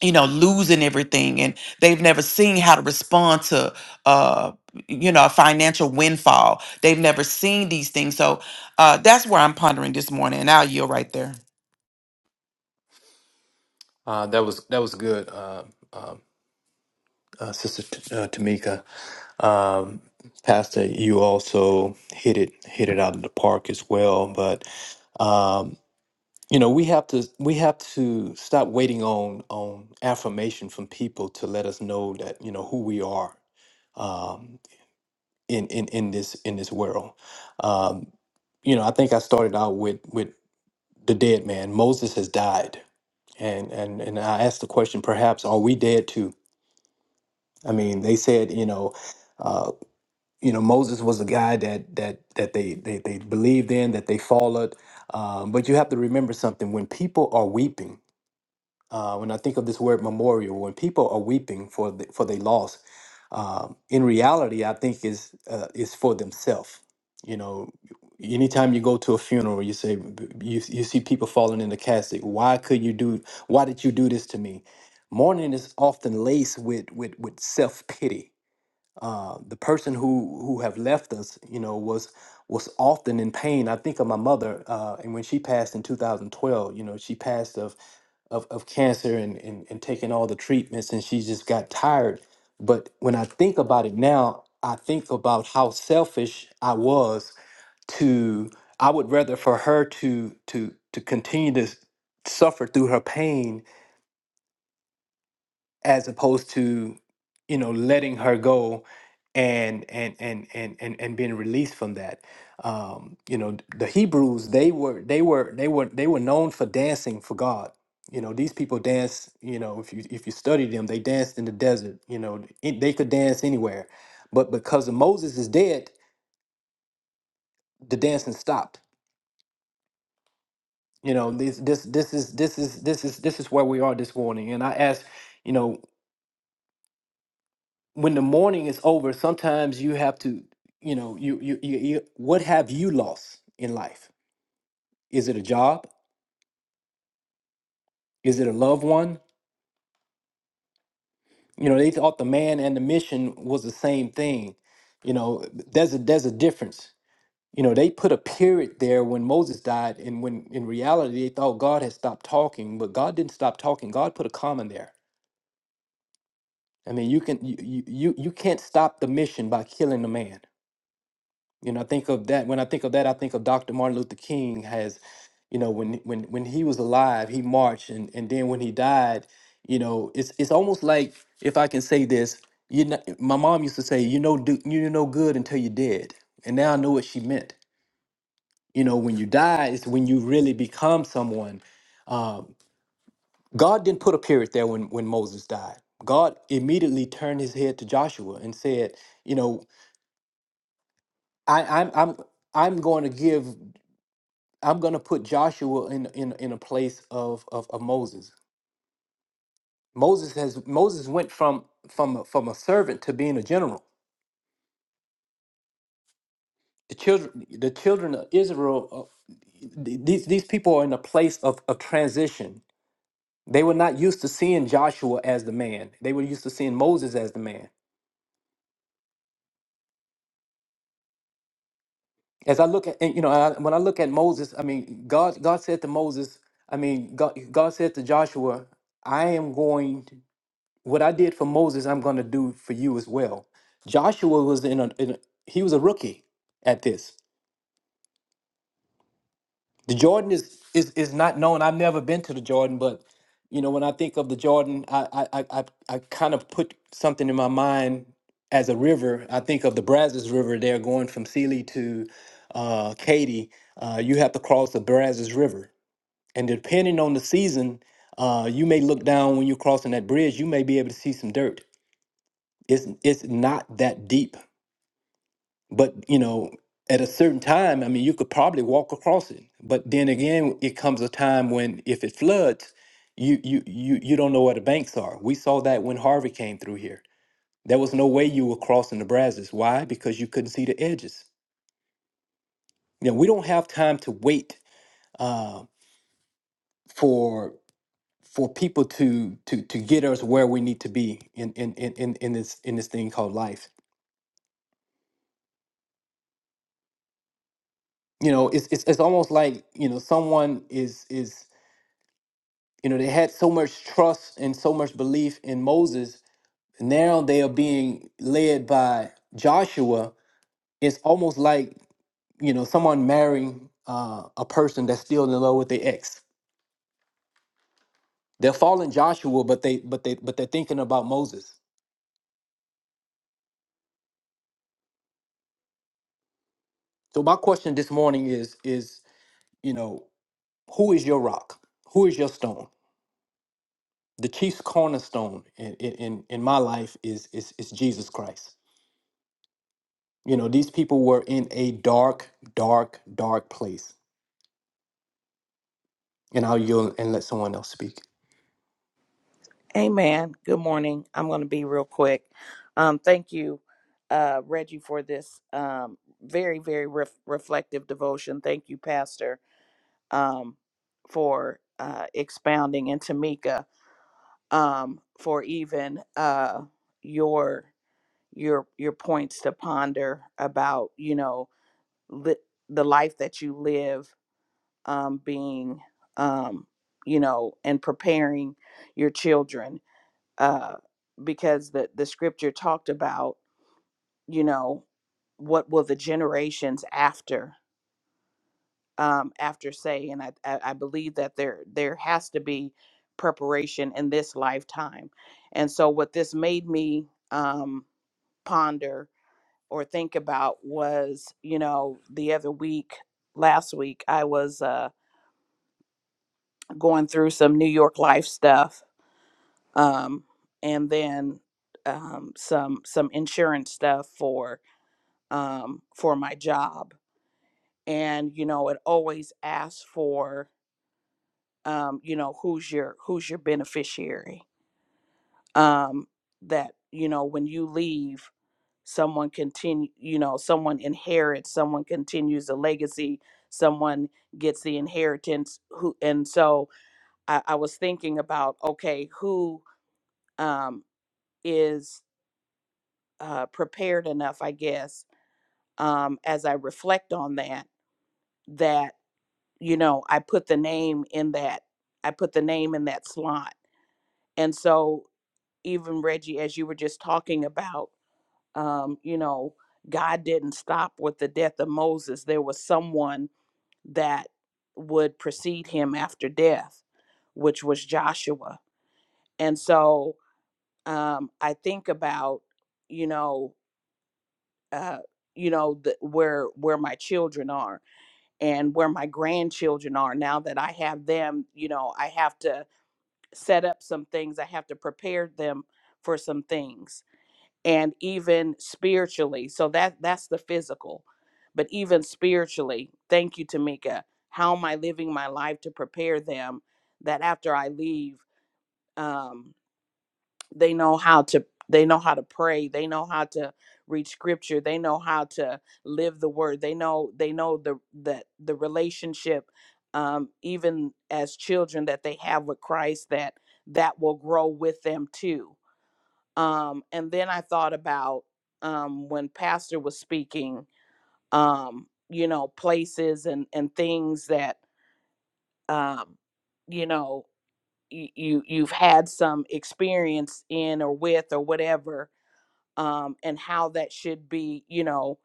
[SPEAKER 5] you know losing everything and they've never seen how to respond to uh you know a financial windfall they've never seen these things so uh that's where i'm pondering this morning and i'll yield right there
[SPEAKER 2] Uh, that was that was good, uh, um uh, Sister T- uh, Tamika. Um, Pastor, you also hit it hit it out of the park as well, but. um, you know we have to we have to stop waiting on on affirmation from people to let us know that you know who we are um in in in this in this world um you know i think i started out with with the dead man moses has died and and and i asked the question perhaps are we dead too i mean they said you know uh you know moses was a guy that that that they they, they believed in that they followed um, but you have to remember something when people are weeping uh, when I think of this word memorial, when people are weeping for the, for their loss, um, in reality, I think is uh, is for themselves. You know, anytime you go to a funeral, you say you you see people falling in the casket. Why could you do? Why did you do this to me? Mourning is often laced with with with self pity. Uh, the person who who have left us, you know, was was often in pain. I think of my mother, uh, and when she passed in 2012, you know, she passed of of, of cancer and, and, and taking all the treatments and she just got tired. But when I think about it now, I think about how selfish I was to I would rather for her to to to continue to s- suffer through her pain as opposed to you know letting her go and and and and and, and being released from that um you know the hebrews they were they were they were they were known for dancing for god you know these people dance you know if you if you study them they danced in the desert you know it- they could dance anywhere but because of moses is dead the dancing stopped you know this this this is this is this is this is where we are this morning and i ask you know when the morning is over, sometimes you have to, you know, you you, you you what have you lost in life? Is it a job? Is it a loved one? You know, they thought the man and the mission was the same thing. You know, there's a there's a difference. You know, they put a period there when Moses died, and when in reality they thought God had stopped talking, but God didn't stop talking. God put a comma there. I mean, you can you you you you can't stop the mission by killing the man You know, I think of that. When I think of that, I think of Dr. Martin Luther King has, you know, when when when he was alive, he marched, and and then when he died, you know, it's it's almost like if I can say this, you know, my mom used to say, you know, do, you know good until you're dead, and now I know what she meant. You know, when you die is when you really become someone. Um, God didn't put a period there when when Moses died. God immediately turned his head to Joshua and said, you know, I, I'm I'm I'm going to give. I'm gonna put Joshua in in in a place of of, of Moses. Moses has Moses went from from a, from a servant to being a general. The children the children of Israel, uh, th- these these people are in a place of, of transition. They were not used to seeing Joshua as the man. They were used to seeing Moses as the man. As I look at and, you know I, when I look at Moses, I mean God God said to Moses, I mean God God said to Joshua, I am going. what I did for Moses, I'm going to do for you as well. Joshua was in a, in a he was a rookie at this. The Jordan is is is not known. I've never been to the Jordan, but you know when I think of the Jordan, I I I I I kind of put something in my mind as a river. I think of the Brazos River there going from Sealy to uh, Katy. Uh, you have to cross the Brazos River, and depending on the season, uh, you may look down when you're crossing that bridge. You may be able to see some dirt it's it's not that deep but you know at a certain time i mean you could probably walk across it but then again it comes a time when if it floods you you you you don't know where the banks are we saw that when harvey came through here there was no way you were crossing the brazos why because you couldn't see the edges you know we don't have time to wait uh, for for people to to to get us where we need to be in in in in in this in this thing called life you know it's, it's it's almost like you know someone is is you know they had so much trust and so much belief in Moses now they are being led by Joshua it's almost like you know someone marrying uh, a person that's still in love with their ex they're following Joshua but they but they but they're thinking about Moses so my question this morning is is you know who is your rock who is your stone the chief's cornerstone in in in in my life is is is Jesus Christ You know, these people were in a dark, dark, dark place. And I'll yield and let someone else speak.
[SPEAKER 1] Amen. Good morning. I'm going to be real quick. Um, thank you, uh, Reggie, for this um, very, very ref- reflective devotion. Thank you, Pastor, um, for uh, expounding, and Tamika um, for even uh, your your your points to ponder about you know li- the life that you live um, being um, you know and preparing your children uh, because the the scripture talked about you know what will the generations after um, after say, and I, I I believe that there there has to be preparation in this lifetime, and so what this made me um, ponder or think about was you know the other week last week I was uh, going through some New York life stuff um, and then um, some some insurance stuff for um, for my job and you know it always asks for um, you know who's your who's your beneficiary um, that you know when you leave someone continue you know someone inherits someone continues the legacy someone gets the inheritance who and so i, I was thinking about okay who um, is uh, prepared enough i guess um, as i reflect on that that you know i put the name in that i put the name in that slot and so even reggie as you were just talking about um you know god didn't stop with the death of moses there was someone that would precede him after death which was joshua and so um i think about you know uh you know the, where where my children are and where my grandchildren are now that i have them you know i have to set up some things. I have to prepare them for some things and even spiritually. So that that's the physical. But even spiritually, thank you, Tamika. How am I living my life to prepare them that after I leave? um, they know how to they know how to pray they know how to read scripture they know how to live the word they know they know the that the relationship um even as children that they have with christ that that will grow with them too um and then i thought about um when pastor was speaking um you know places and and things that um you know you, you you've had some experience in or with or whatever um, and how that should be, you know,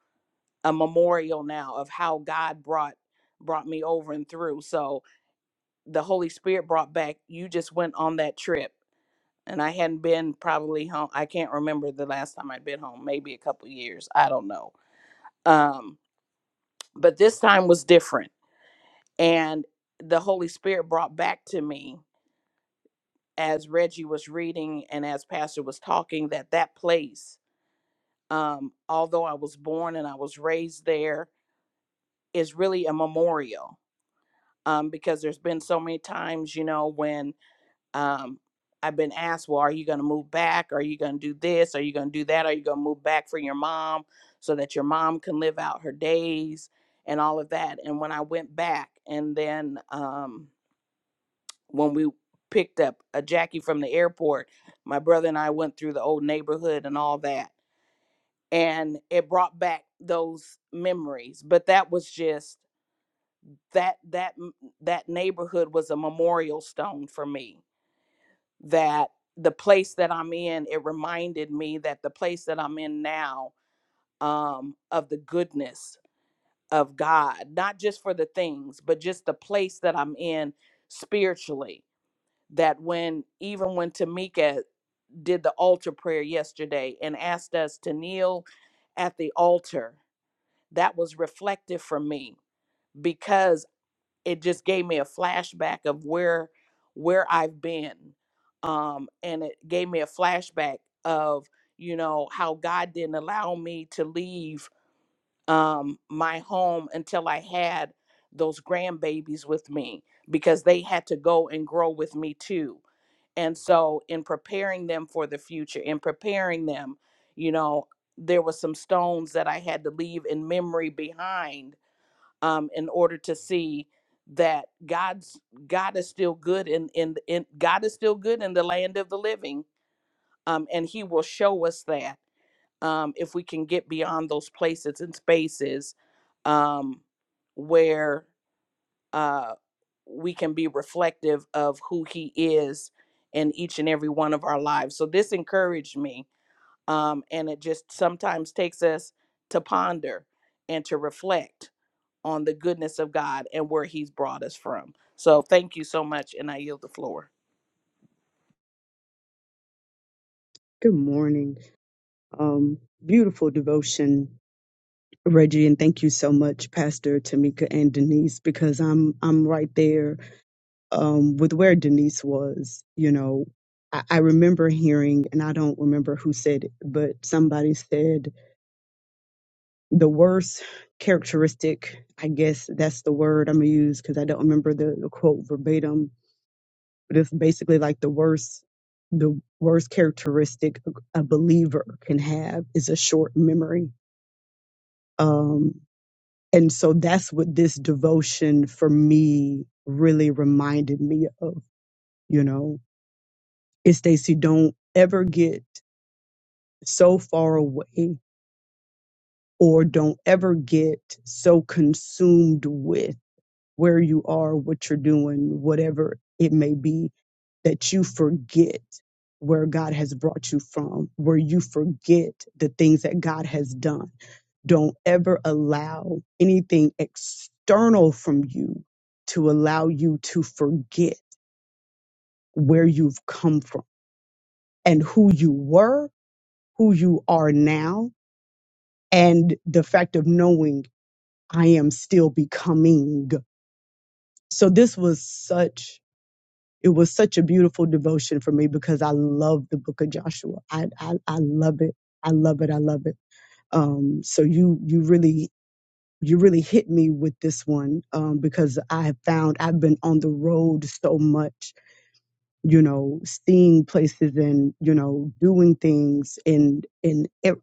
[SPEAKER 1] a memorial now of how God brought brought me over and through. So the Holy Spirit brought back. You just went on that trip, and I hadn't been probably home. I can't remember the last time I'd been home. Maybe a couple years. I don't know. Um, but this time was different, and the Holy Spirit brought back to me as Reggie was reading and as Pastor was talking that that place. Um, although I was born and I was raised there, is really a memorial um, because there's been so many times, you know, when um, I've been asked, well, are you going to move back? Are you going to do this? Are you going to do that? Are you going to move back for your mom so that your mom can live out her days and all of that? And when I went back, and then um, when we picked up a Jackie from the airport, my brother and I went through the old neighborhood and all that. And it brought back those memories. But that was just that that that neighborhood was a memorial stone for me that the place that i'm in it reminded me that the place that i'm in now um of the goodness of god not just for the things but just the place that i'm in spiritually that when even when tamika did the altar prayer yesterday and asked us to kneel at the altar that was reflective for me because. it just gave me a flashback of where where I've been. Um, and it gave me a flashback of, you know, how God didn't allow me to leave um my home until I had those grandbabies with me because they had to go and grow with me too. And so in preparing them for the future, in preparing them, you know, there were some stones that I had to leave in memory behind um, in order to see that God's God is still good in in in God is still good in the land of the living, um, and He will show us that um, if we can get beyond those places and spaces um, where uh, we can be reflective of who He is in each and every one of our lives. So this encouraged me, um, and it just sometimes takes us to ponder and to reflect on the goodness of God and where He's brought us from. So thank you so much, and I yield the floor.
[SPEAKER 6] Good morning. Um, beautiful devotion, Reggie, and thank you so much, Pastor Tamika and Denise, because I'm I'm right there um, with where Denise was. You know, I, I remember hearing, and I don't remember who said it, but somebody said the worst characteristic. I guess that's the word I'm gonna use because I don't remember the, the quote verbatim, but it's basically like the worst the worst characteristic a believer can have is a short memory Um, and so that's what this devotion for me really reminded me of, you know, is Stacy, don't ever get so far away or don't ever get so consumed with where you are, what you're doing, whatever it may be, that you forget where God has brought you from, where you forget the things that God has done Don't ever allow anything external from you to allow you to forget where you've come from and who you were, who you are now, and the fact of knowing I am still becoming. So this was such it was such a beautiful devotion for me because I love the book of Joshua. I I, I love it. I love it. I love it. Um, so you you really you really hit me with this one um, because I have found I've been on the road so much, you know, seeing places and you know doing things and and it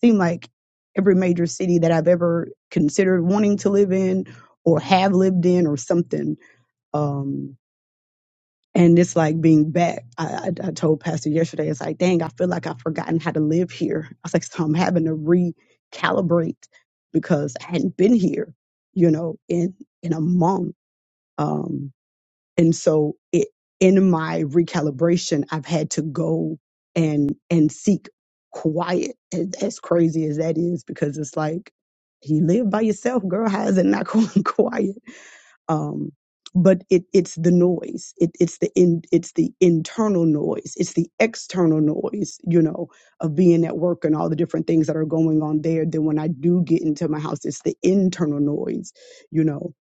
[SPEAKER 6] seemed like every major city that I've ever considered wanting to live in or have lived in or something. Um, and it's like being back. I, I, I told Pastor yesterday, it's like, dang, I feel like I've forgotten how to live here. I was like, so I'm having to recalibrate because I hadn't been here, you know, in in a month. Um, and so it in my recalibration, I've had to go and and seek quiet. As, as crazy as that is, because it's like you live by yourself, girl. How is it not [laughs] going quiet? um, but it, it's the noise it, it's the in, it's the internal noise it's the external noise you know of being at work and all the different things that are going on there then when i do get into my house it's the internal noise you know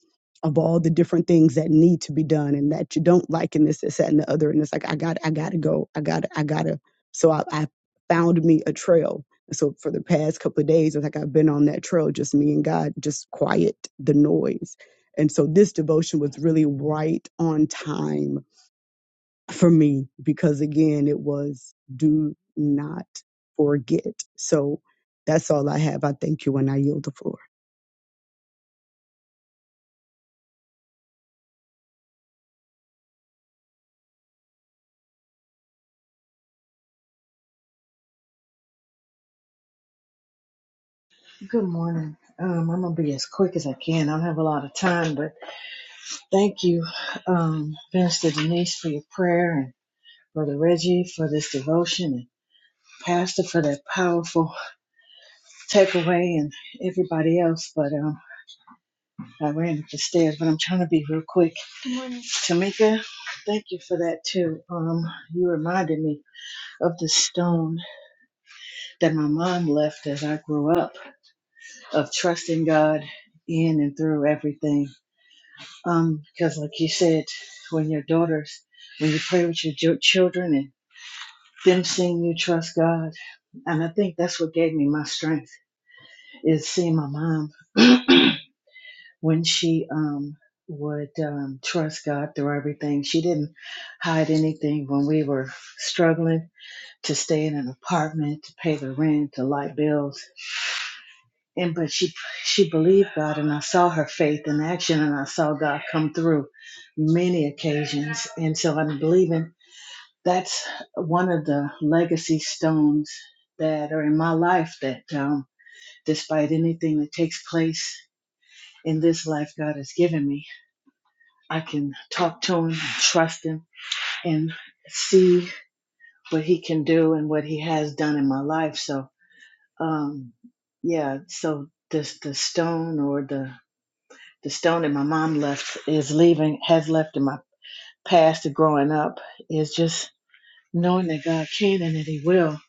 [SPEAKER 6] of all the different things that need to be done and that you don't like and this this that and the other and it's like i got i gotta go i gotta i gotta so i, I found me a trail so for the past couple of days it's like i've been on that trail just me and god just quiet the noise and so this devotion was really right on time for me because again, it was do not forget. So that's all I have. I thank you and I yield the floor.
[SPEAKER 7] Good morning. Um, I'm gonna be as quick as I can. I don't have a lot of time, but thank you, um, Pastor Denise, for your prayer and Brother Reggie for this devotion and Pastor for that powerful takeaway and everybody else. But um, I ran up the stairs, but I'm trying to be real quick. Good morning, Tamika. Thank you for that too. Um, you reminded me of the stone that my mom left as I grew up of trusting God in and through everything Um, because like you said, when your daughters, when you pray with your jo- children and them seeing you trust God, and I think that's what gave me my strength is seeing my mom [clears throat] when she um would um, trust God through everything. She didn't hide anything when we were struggling to stay in an apartment, to pay the rent, to light bills. and but she she believed God, and I saw her faith in action, and I saw God come through many occasions, and so I'm believing that's one of the legacy stones that are in my life. That um, despite anything that takes place in this life, God has given me, I can talk to Him, trust Him, and see what He can do and what He has done in my life. So, um, yeah, so. This, the stone or the the stone that my mom left is leaving has left in my past of growing up is just knowing that God can and that He will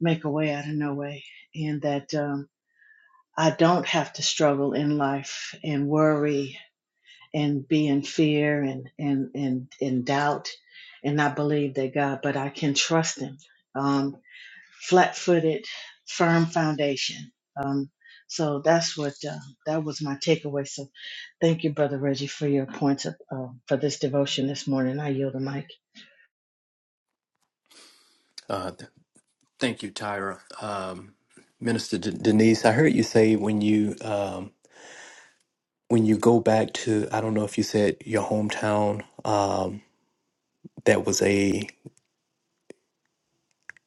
[SPEAKER 7] make a way out of no way, and that um, I don't have to struggle in life and worry and be in fear and and and in doubt and not believe that God, but I can trust Him. Um, flat footed, firm foundation. Um, so that's what uh, that was my takeaway. So thank you, Brother Reggie, for your points of, uh, for this devotion this morning. I yield the mic.
[SPEAKER 2] Uh, th- thank you, Tyra. Um, Minister D- Denise, I heard you say when you um, when you go back to I don't know if you said your hometown um, that was a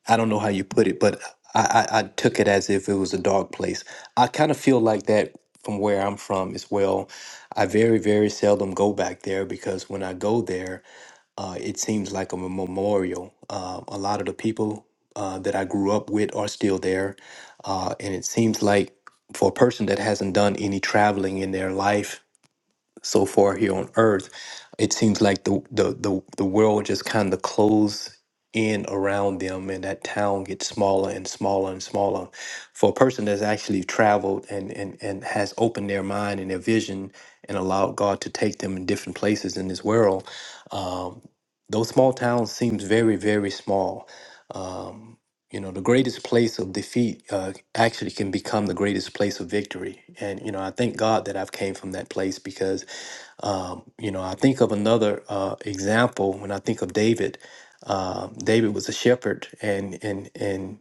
[SPEAKER 2] I don't know how you put it, but I, I, I took it as if it was a dark place. I kind of feel like that from where I'm from as well. I very, very seldom go back there because when I go there, uh, it seems like a memorial. Uh, a lot of the people uh, that I grew up with are still there. Uh, and it seems like for a person that hasn't done any traveling in their life, so far here on earth it seems like the the the, the world just kind of closed in around them and that town gets smaller and smaller and smaller for a person that's actually traveled and and and has opened their mind and their vision and allowed god to take them in different places in this world um, those small towns seems very very small um, you know the greatest place of defeat uh, actually can become the greatest place of victory and you know i thank god that i've came from that place because um, you know, I think of another uh, example when I think of David. Uh, David was a shepherd, and and and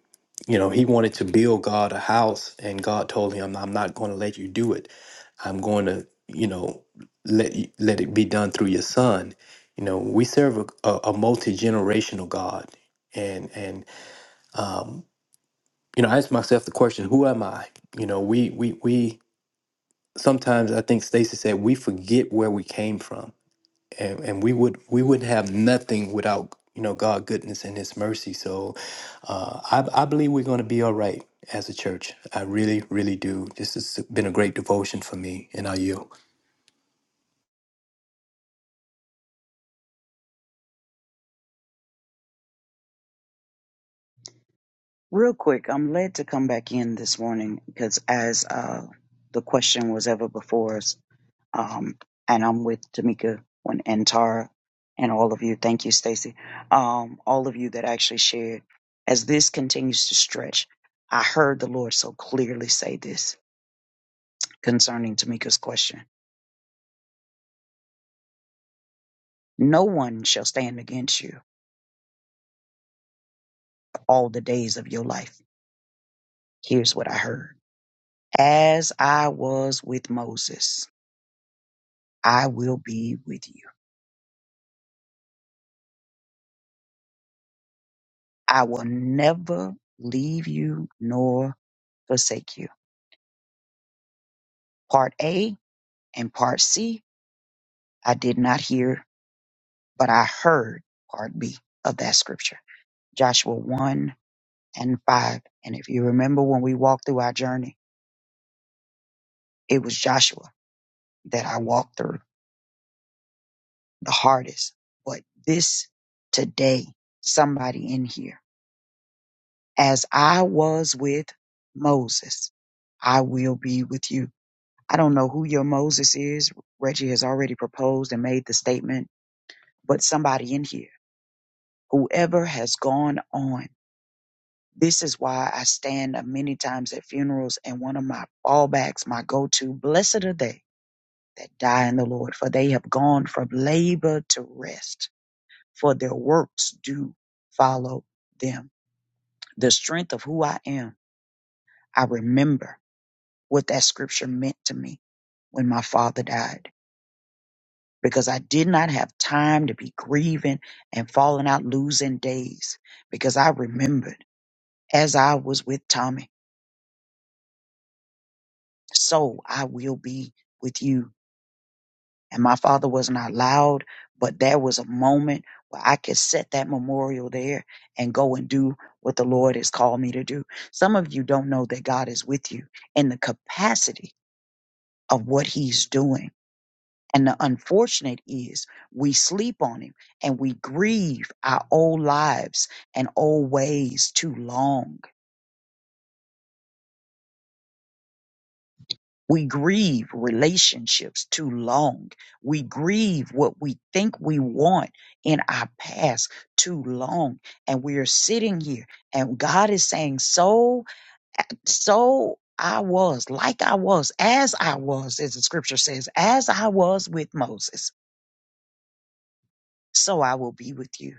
[SPEAKER 2] you know he wanted to build God a house, and God told him, "I'm not going to let you do it. I'm going to, you know, let you, let it be done through your son." You know, we serve a, a, a multi generational God, and and um, you know, I ask myself the question, "Who am I?" You know, we we we sometimes I think Stacy said we forget where we came from and, and we would we would have nothing without you know God goodness and His mercy. So uh, I, I believe we're going to be all right as a church. I really really do. This has been a great devotion for me, and I yield.
[SPEAKER 3] Real quick, I'm led to come back in this morning because as uh, the question was ever before us, um, and I'm with Tamika and, and Tara and all of you. Thank you, Stacy. Um, all of you that actually shared. As this continues to stretch, I heard the Lord so clearly say this concerning Tamika's question. No one shall stand against you all the days of your life. Here's what I heard. As I was with Moses, I will be with you. I will never leave you nor forsake you. Part A and part C, I did not hear, but I heard part B of that scripture. Joshua 1 and 5. And if you remember when we walked through our journey, it was Joshua that I walked through. the hardest. But this today, somebody in here, as I was with Moses, I will be with you. I don't know who your Moses is. Reggie has already proposed and made the statement, but somebody in here, whoever has gone on, this is why I stand up many times at funerals and one of my fallbacks, my go to, blessed are they that die in the Lord, for they have gone from labor to rest for their works do follow them. The strength of who I am, I remember what that scripture meant to me when my father died because I did not have time to be grieving and falling out, losing days because I remembered as I was with Tommy, so I will be with you And my father was not loud, but there was a moment where I could set that memorial there and go and do what the Lord has called me to do. Some of you don't know that God is with you in the capacity of what he's doing. And the unfortunate is we sleep on him and we grieve our old lives and old ways too long We grieve relationships too long. We grieve what we think we want in our past too long. And we are sitting here and God is saying, so, so I was, like I was, as I was, as the scripture says, as I was with Moses, so I will be with you.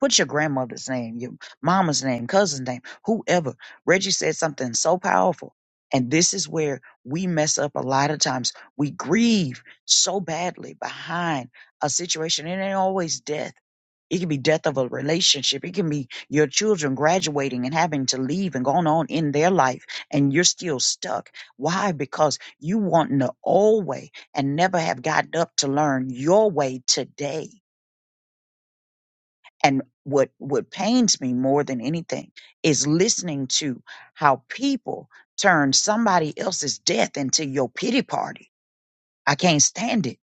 [SPEAKER 3] Put your grandmother's name, your mama's name, cousin's name, whoever. Reggie said something so powerful. And this is where we mess up a lot of times. We grieve so badly behind a situation. It ain't always death. It can be death of a relationship. It can be your children graduating and having to leave and going on in their life, and you're still stuck. Why? Because you want the old way and never have gotten up to learn your way today and what what pains me more than anything is listening to how people turn somebody else's death into your pity party. I can't stand it,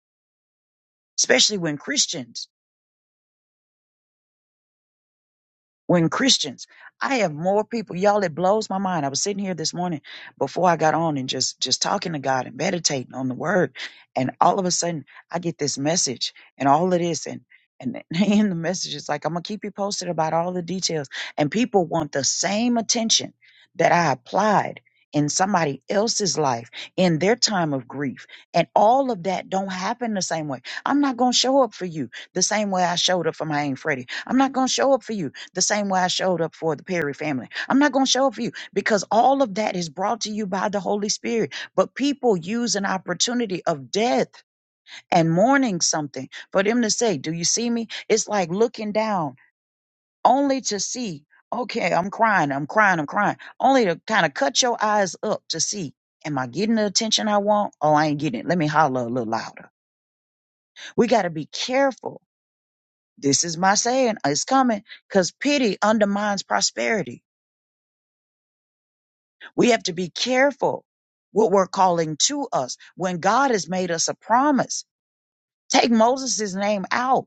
[SPEAKER 3] especially when Christians when Christians, I have more people, y'all, it blows my mind. I was sitting here this morning before I got on and just, just talking to God and meditating on the word. And all of a sudden I get this message and all of this and, and [laughs] in the message, it's like, I'm gonna keep you posted about all the details. And people want the same attention that I applied in somebody else's life in their time of grief. And all of that don't happen the same way. I'm not gonna show up for you the same way I showed up for my Aunt Freddie. I'm not gonna show up for you the same way I showed up for the Perry family. I'm not going to show up for you because all of that is brought to you by the Holy Spirit. But people use an opportunity of death and mourning something for them to say, Do you see me? It's like looking down only to see, okay, I'm crying, I'm crying, I'm crying, only to kind of cut your eyes up to see. Am I getting the attention I want? Oh, I ain't getting it. Let me holler a little louder. We got to be careful. This is my saying. It's coming because pity undermines prosperity We have to be careful what we're calling to us when God has made us a promise. Take Moses' name out.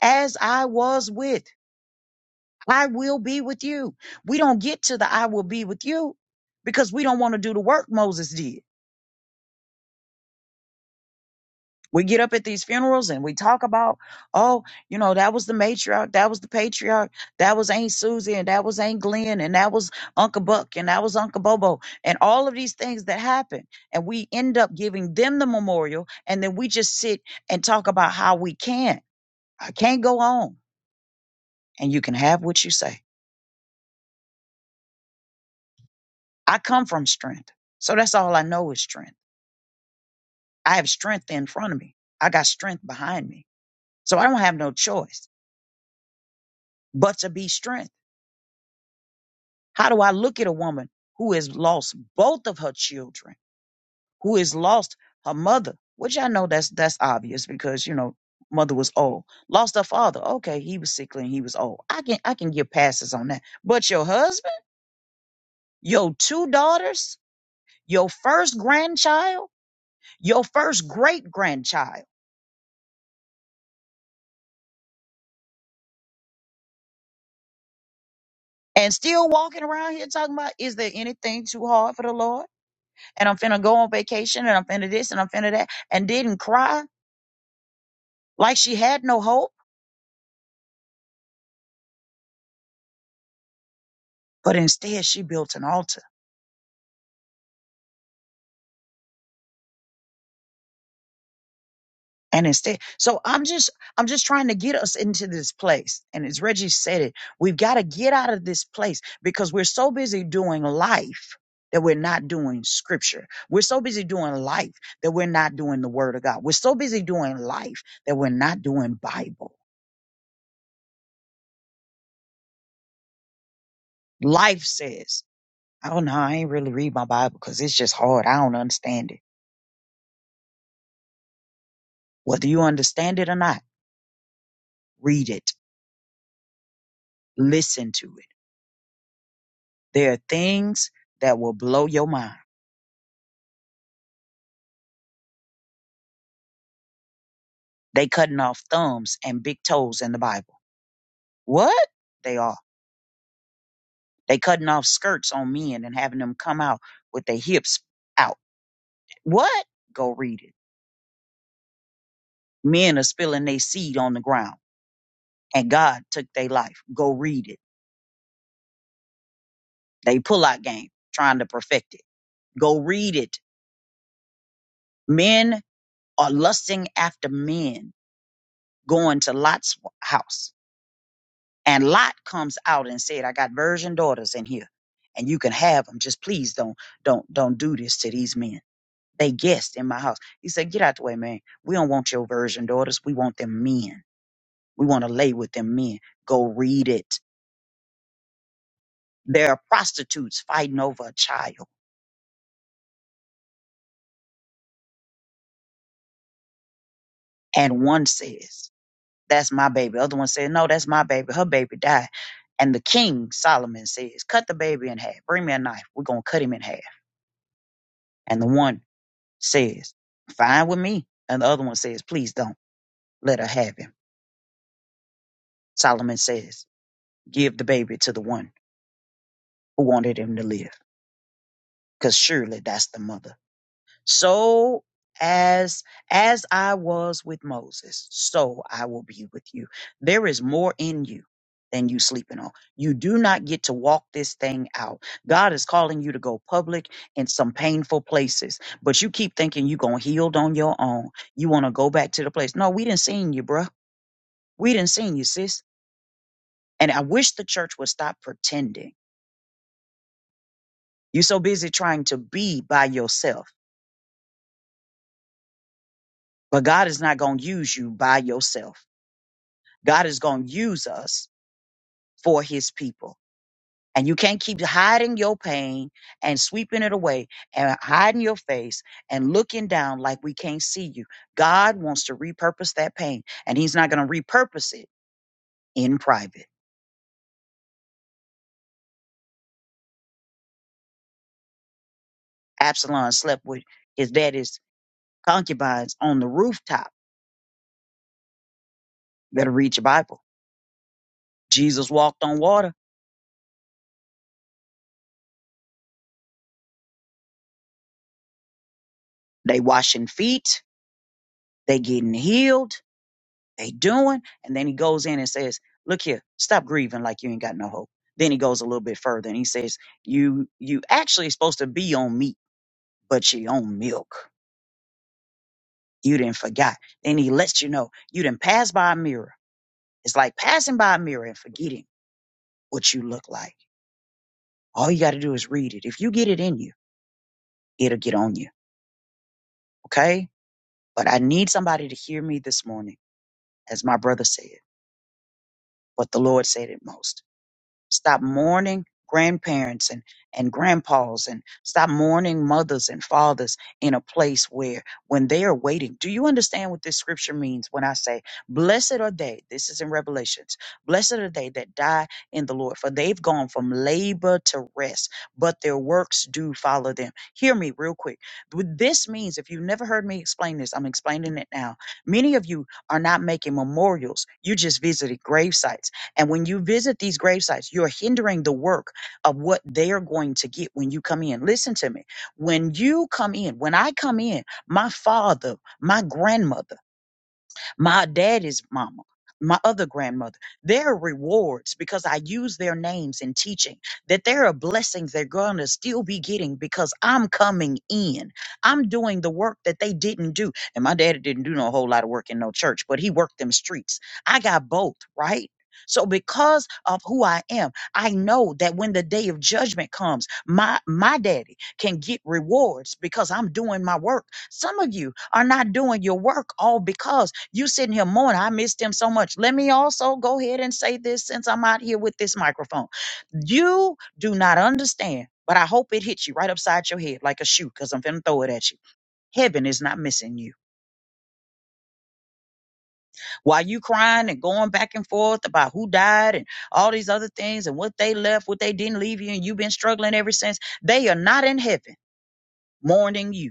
[SPEAKER 3] As I was with, I will be with you. We don't get to the I will be with you because we don't want to do the work Moses did. We get up at these funerals and we talk about, oh, you know, that was the matriarch, that was the patriarch, that was Aunt Susie, and that was Aunt Glenn, and that was Uncle Buck, and that was Uncle Bobo, and all of these things that happen. And we end up giving them the memorial, and then we just sit and talk about how we can't. I can't go on. And you can have what you say. I come from strength. So that's all I know is strength. I have strength in front of me. I got strength behind me. So I don't have no choice but to be strength. How do I look at a woman who has lost both of her children, who has lost her mother, which I know that's that's obvious because you know mother was old, lost her father. Okay, he was sickly and he was old. I can I can give passes on that. But your husband, your two daughters, your first grandchild, your first great grandchild. And still walking around here talking about, is there anything too hard for the Lord? And I'm finna go on vacation and I'm finna this and I'm finna that and didn't cry like she had no hope but instead she built an altar and instead so i'm just i'm just trying to get us into this place and as reggie said it we've got to get out of this place because we're so busy doing life that we're not doing scripture we're so busy doing life that we're not doing the word of god we're so busy doing life that we're not doing bible life says oh no i ain't really read my bible because it's just hard i don't understand it whether you understand it or not read it listen to it There are things that will blow your mind. They cutting off thumbs and big toes in the Bible. What? They are. They cutting off skirts on men and having them come out with their hips out. What? Go read it. Men are spilling their seed on the ground and God took their life. Go read it. They pull out game trying to perfect it. Go read it. Men are lusting after men going to Lot's house And Lot comes out and said, I got virgin daughters in here and you can have them. Just please don't, don't, don't do this to these men. They guests in my house. He said, get out the way, man. We don't want your virgin daughters. We want them men. We want to lay with them men. Go read it. There are prostitutes fighting over a child. And one says, that's my baby. Other one said, no, that's my baby. Her baby died. And the king, Solomon, says, cut the baby in half. Bring me a knife. We're going to cut him in half. And the one says, Fine with me. And the other one says, Please don't let her have him. Solomon says, Give the baby to the one who wanted him to live, because surely that's the mother. So as as I was with Moses, so I will be with you. There is more in you than you sleeping on. You do not get to walk this thing out. God is calling you to go public in some painful places, but you keep thinking you're gonna heal on your own. You wanna go back to the place. No, we didn't seen you, bruh. We didn't seen you, sis. And I wish the church would stop pretending. You are so busy trying to be by yourself. But God is not gonna use you by yourself. God is gonna use us for his people. And you can't keep hiding your pain and sweeping it away and hiding your face and looking down like we can't see you. God wants to repurpose that pain, and he's not gonna repurpose it in private. Absalom slept with his daddy's concubines on the rooftop. better read your Bible Jesus walked on water. They washing feet. They getting healed. They doing. And then he goes in and says, look here, stop grieving like you ain't got no hope. Then he goes a little bit further and he says, you, you actually supposed to be on meat, but you on milk. You didn't forgot. Then he lets you know you didn't pass by a mirror. It's like passing by a mirror and forgetting what you look like. All you got to do is read it. If you get it in you, it'll get on you. Okay. But I need somebody to hear me this morning, as my brother said. but the Lord said it most. Stop mourning grandparents and, and grandpas and stop mourning mothers and fathers in a place where when they are waiting. Do you understand what this scripture means when I say, Blessed are they, this is in Revelations, blessed are they that die in the Lord, for they've gone from labor to rest, but their works do follow them. Hear me real quick. What This means, if you've never heard me explain this, I'm explaining it now. Many of you are not making memorials, you're just visiting grave sites. And when you visit these grave sites, you're hindering the work of what they are going to get when you come in. Listen to me. When you come in, when I come in, my father, my grandmother, my daddy's mama, my other grandmother. There are rewards because I use their names in teaching, that there are blessings they're going to still be getting because I'm coming in. I'm doing the work that they didn't do. And my daddy didn't do no whole lot of work in no church, but he worked them streets. I got both, right? So because of who I am, I know that when the day of judgment comes, my my daddy can get rewards because I'm doing my work. Some of you are not doing your work all because you sitting here mourning. I missed him so much. Let me also go ahead and say this since I'm out here with this microphone. You do not understand, but I hope it hits you right upside your head like a shoe because I'm finna throw it at you. Heaven is not missing you. While you crying and going back and forth about who died and all these other things and what they left, what they didn't leave you, and you've been struggling ever since, they are not in heaven mourning you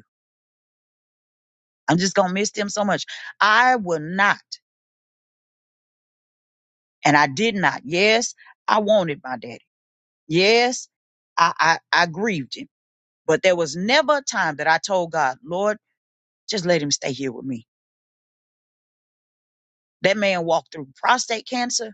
[SPEAKER 3] I'm just gonna miss them so much. I will not, and I did not. Yes, I wanted my daddy. Yes, I I, I grieved him, but there was never a time that I told God, Lord, just let him stay here with me. That man walked through prostate cancer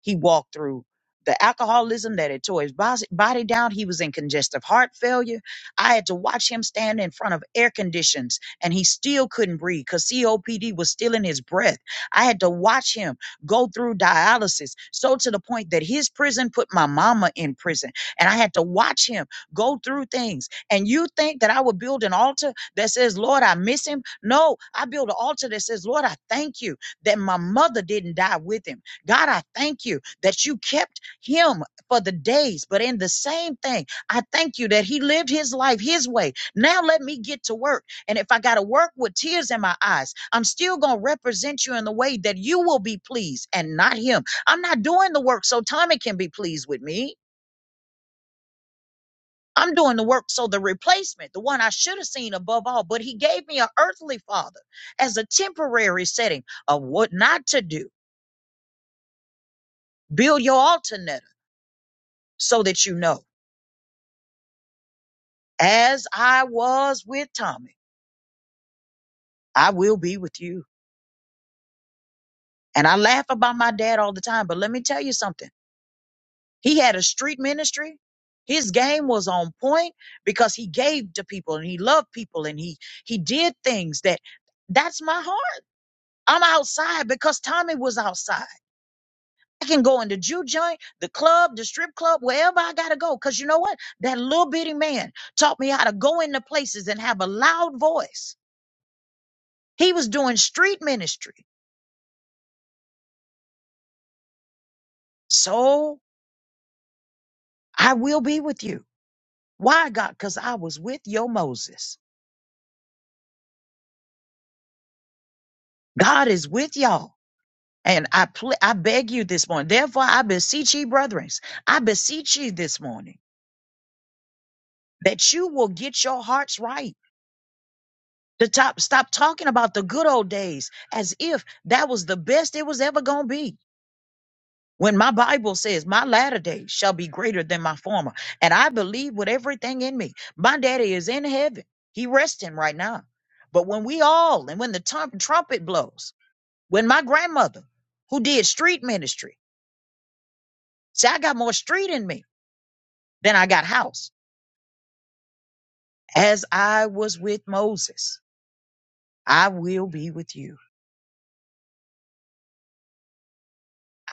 [SPEAKER 3] He walked through the alcoholism that had tore his bos- body down. He was in congestive heart failure. I had to watch him stand in front of air conditions and he still couldn't breathe because COPD was still in his breath. I had to watch him go through dialysis, so to the point that his prison put my mama in prison. And I had to watch him go through things. And you think that I would build an altar that says, Lord, I miss him? No, I build an altar that says, Lord, I thank you that my mother didn't die with him. God, I thank you that you kept him for the days, but in the same thing, I thank you that he lived his life his way. Now let me get to work. And if I got to work with tears in my eyes, I'm still going to represent you in the way that you will be pleased and not him. I'm not doing the work so Tommy can be pleased with me. I'm doing the work so the replacement, the one I should have seen above all, but he gave me an earthly father as a temporary setting of what not to do. Build your alternate so that you know. as I was with Tommy, I will be with you. And I laugh about my dad all the time, but let me tell you something. He had a street ministry. His game was on point because he gave to people and he loved people and he he did things that that's my heart. I'm outside because Tommy was outside. I can go in the Jew joint, the club, the strip club, wherever I gotta go. Cause you know what? That little bitty man taught me how to go into places and have a loud voice. He was doing street ministry. So I will be with you. Why, God? Because I was with your Moses. God is with y'all. And I pl- I beg you this morning. Therefore, I beseech ye, brethren, I beseech ye this morning that you will get your hearts right. To top, stop talking about the good old days as if that was the best it was ever going to be. When my Bible says my latter days shall be greater than my former, and I believe with everything in me, my daddy is in heaven. He resting right now. But when we all, and when the tum- trumpet blows, when my grandmother, who did street ministry, see, I got more street in me than I got house. As I was with Moses, I will be with you.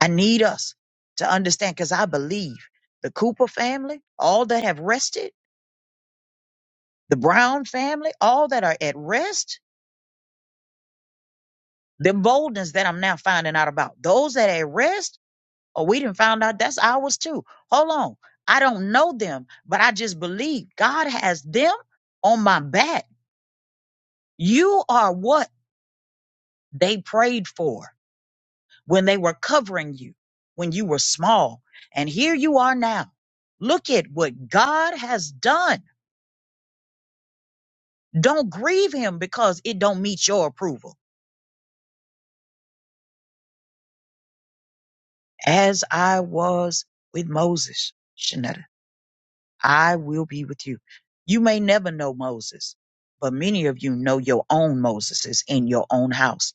[SPEAKER 3] I need us to understand because I believe the Cooper family, all that have rested, the Brown family, all that are at rest, The boldness that I'm now finding out about. Those that at rest, or we didn't find out that's ours too. Hold on. I don't know them, but I just believe God has them on my back. You are what they prayed for when they were covering you, when you were small. And here you are now. Look at what God has done. Don't grieve him because it don't meet your approval. As I was with Moses. Shanetta. I will be with you. You may never know Moses, but many of you know your own Moseses in your own house.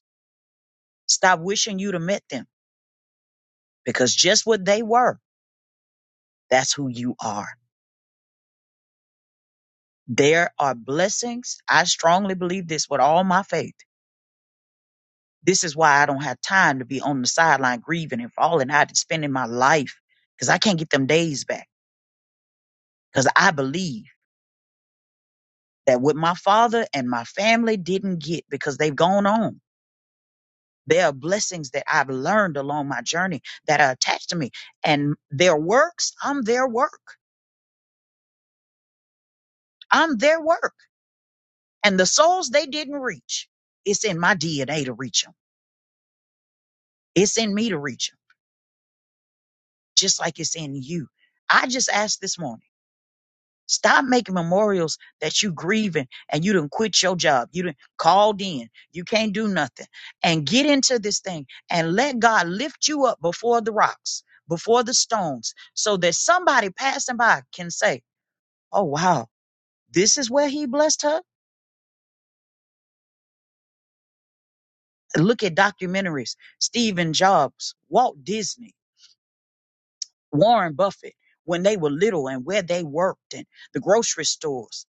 [SPEAKER 3] Stop wishing you'd have met them because just what they were, that's who you are. There are blessings. I strongly believe this with all my faith. This is why I don't have time to be on the sideline grieving and falling out and spending my life because I can't get them days back because I believe that what my father and my family didn't get because they've gone on. There are blessings that I've learned along my journey that are attached to me. And their works, I'm their work. I'm their work. And the souls they didn't reach, it's in my DNA to reach them. It's in me to reach them, just like it's in you. I just asked this morning. Stop making memorials that you grieving and you didn't quit your job. You didn't called in. You can't do nothing. And get into this thing and let God lift you up before the rocks, before the stones, so that somebody passing by can say, Oh wow, this is where he blessed her. Look at documentaries, Stephen Jobs, Walt Disney, Warren Buffett, when they were little and where they worked and the grocery stores.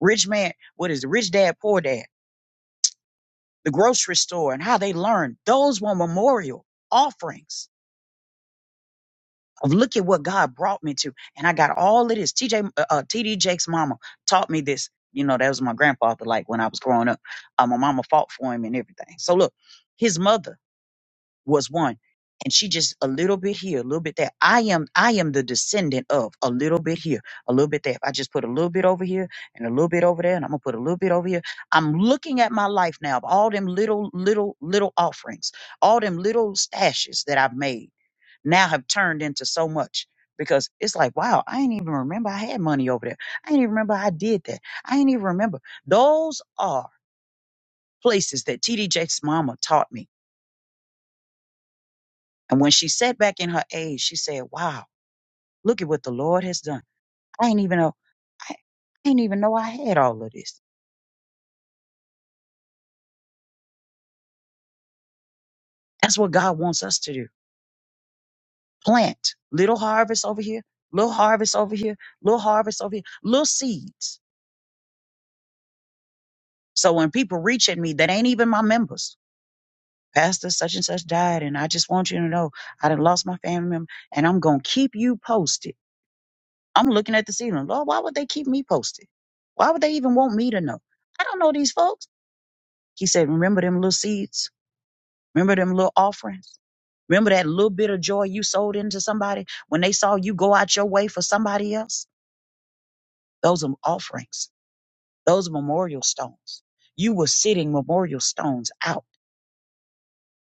[SPEAKER 3] Rich man, what is it? Rich dad, poor dad the grocery store and how they learned. Those were memorial offerings of look at what God brought me to. And I got all of this. TJ, uh, uh, TD Jake's mama taught me this. You know, that was my grandfather, like when I was growing up. Uh, my mama fought for him and everything. So look, his mother was one. And she just a little bit here, a little bit there. I am I am the descendant of a little bit here, a little bit there. If I just put a little bit over here and a little bit over there, and I'm gonna put a little bit over here. I'm looking at my life now of all them little, little, little offerings, all them little stashes that I've made now have turned into so much. Because it's like, wow, I ain't even remember I had money over there. I ain't even remember I did that. I ain't even remember. Those are places that TD Jakes' mama taught me And when she sat back in her age, she said, Wow, look at what the Lord has done. I ain't even know I, I ain't even know I had all of this. That's what God wants us to do. Plant little harvest over here, little harvest over here, little harvest over here, little seeds. So when people reach at me that ain't even my members, Pastor such and such died, and I just want you to know I done lost my family member, and I'm gonna keep you posted. I'm looking at the ceiling. Lord, why would they keep me posted? Why would they even want me to know? I don't know these folks. He said, Remember them little seeds? Remember them little offerings? Remember that little bit of joy you sold into somebody when they saw you go out your way for somebody else? Those are offerings, those are memorial stones. You were sitting memorial stones out.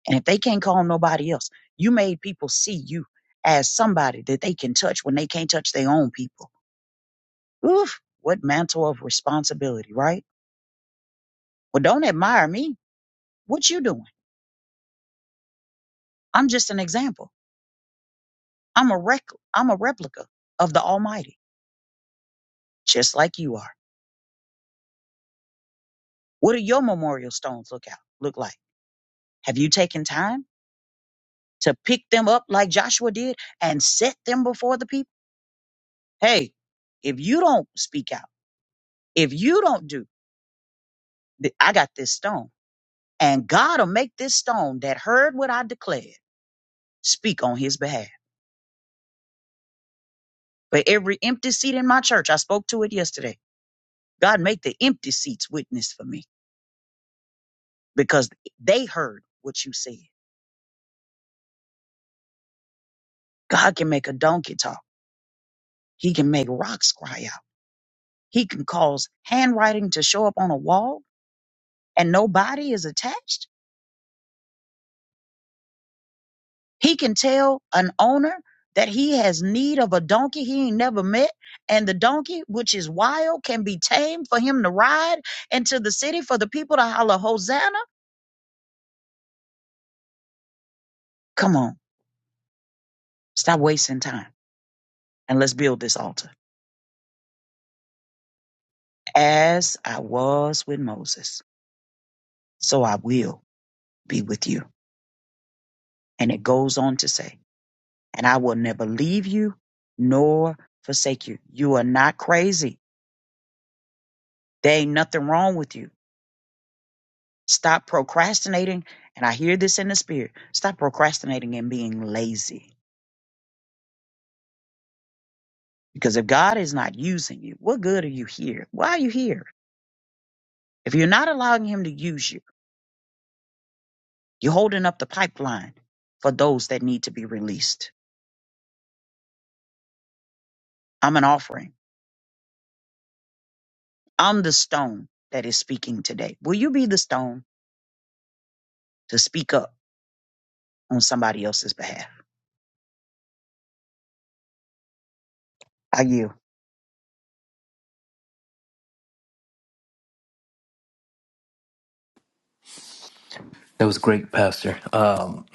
[SPEAKER 3] And if they can't call nobody else, you made people see you as somebody that they can touch when they can't touch their own people. Oof, what mantle of responsibility, right? Well, don't admire me. What you doing? I'm just an example. I'm a rec- I'm a replica of the Almighty. just like you are. What do your memorial stones look out look like? Have you taken time to pick them up like Joshua did and set them before the people? Hey, if you don't speak out, if you don't do, th- I got this stone, and God'll make this stone that heard what I declared speak on His behalf. For every empty seat in my church, I spoke to it yesterday. God make the empty seats witness for me because they heard what you said. God can make a donkey talk. He can make rocks cry out. He can cause handwriting to show up on a wall and no body is attached. He can tell an owner that he has need of a donkey he ain't never met, and the donkey, which is wild, can be tamed for him to ride into the city for the people to holler Hosanna. Come on, stop wasting time and let's build this altar. As I was with Moses, so I will be with you. And it goes on to say, and I will never leave you nor forsake you. You are not crazy. There ain't nothing wrong with you. Stop procrastinating. And I hear this in the spirit. Stop procrastinating and being lazy. Because if God is not using you, what good are you here? Why are you here? If you're not allowing Him to use you, you're holding up the pipeline for those that need to be released. I'm an offering. I'm the stone that is speaking today. Will you be the stone to speak up on somebody else's behalf? I yield.
[SPEAKER 2] That was great, Pastor. Um,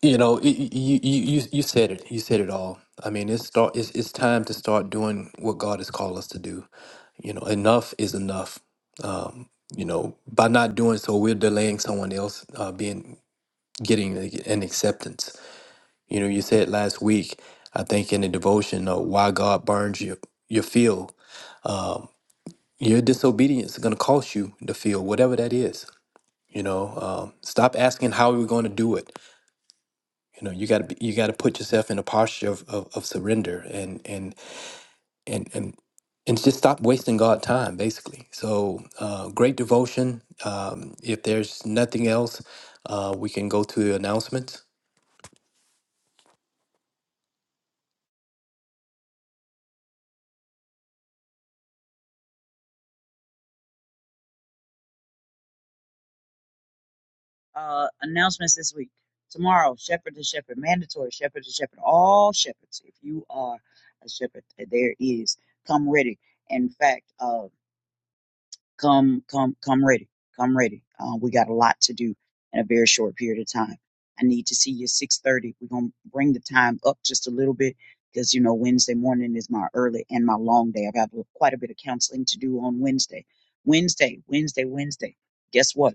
[SPEAKER 2] you know, y- y- you, you you said it. You said it all. I mean, it's start. It's, it's time to start doing what God has called us to do. You know, enough is enough. Um, you know, by not doing so, we're delaying someone else uh, being getting an acceptance You know, you said last week, I think in the devotion of why God burns your your field. Your disobedience is going to cost you the field, whatever that is. You know, um, stop asking how we're going to do it. You know, you got to you got to put yourself in a posture of, of, of surrender and and and and and just stop wasting God time, basically. So, uh, great devotion. Um, if there's nothing else, uh, we can go to the announcements.
[SPEAKER 3] Uh, announcements this week. Tomorrow, shepherd to shepherd, mandatory shepherd to shepherd, all shepherds. If you are a shepherd, there is come ready. In fact, uh, come, come, come ready, come ready. Uh, we got a lot to do in a very short period of time. I need to see you six thirty. We're gonna bring the time up just a little bit because you know Wednesday morning is my early and my long day. I've got quite a bit of counseling to do on Wednesday. Wednesday, Wednesday, Wednesday. Guess what?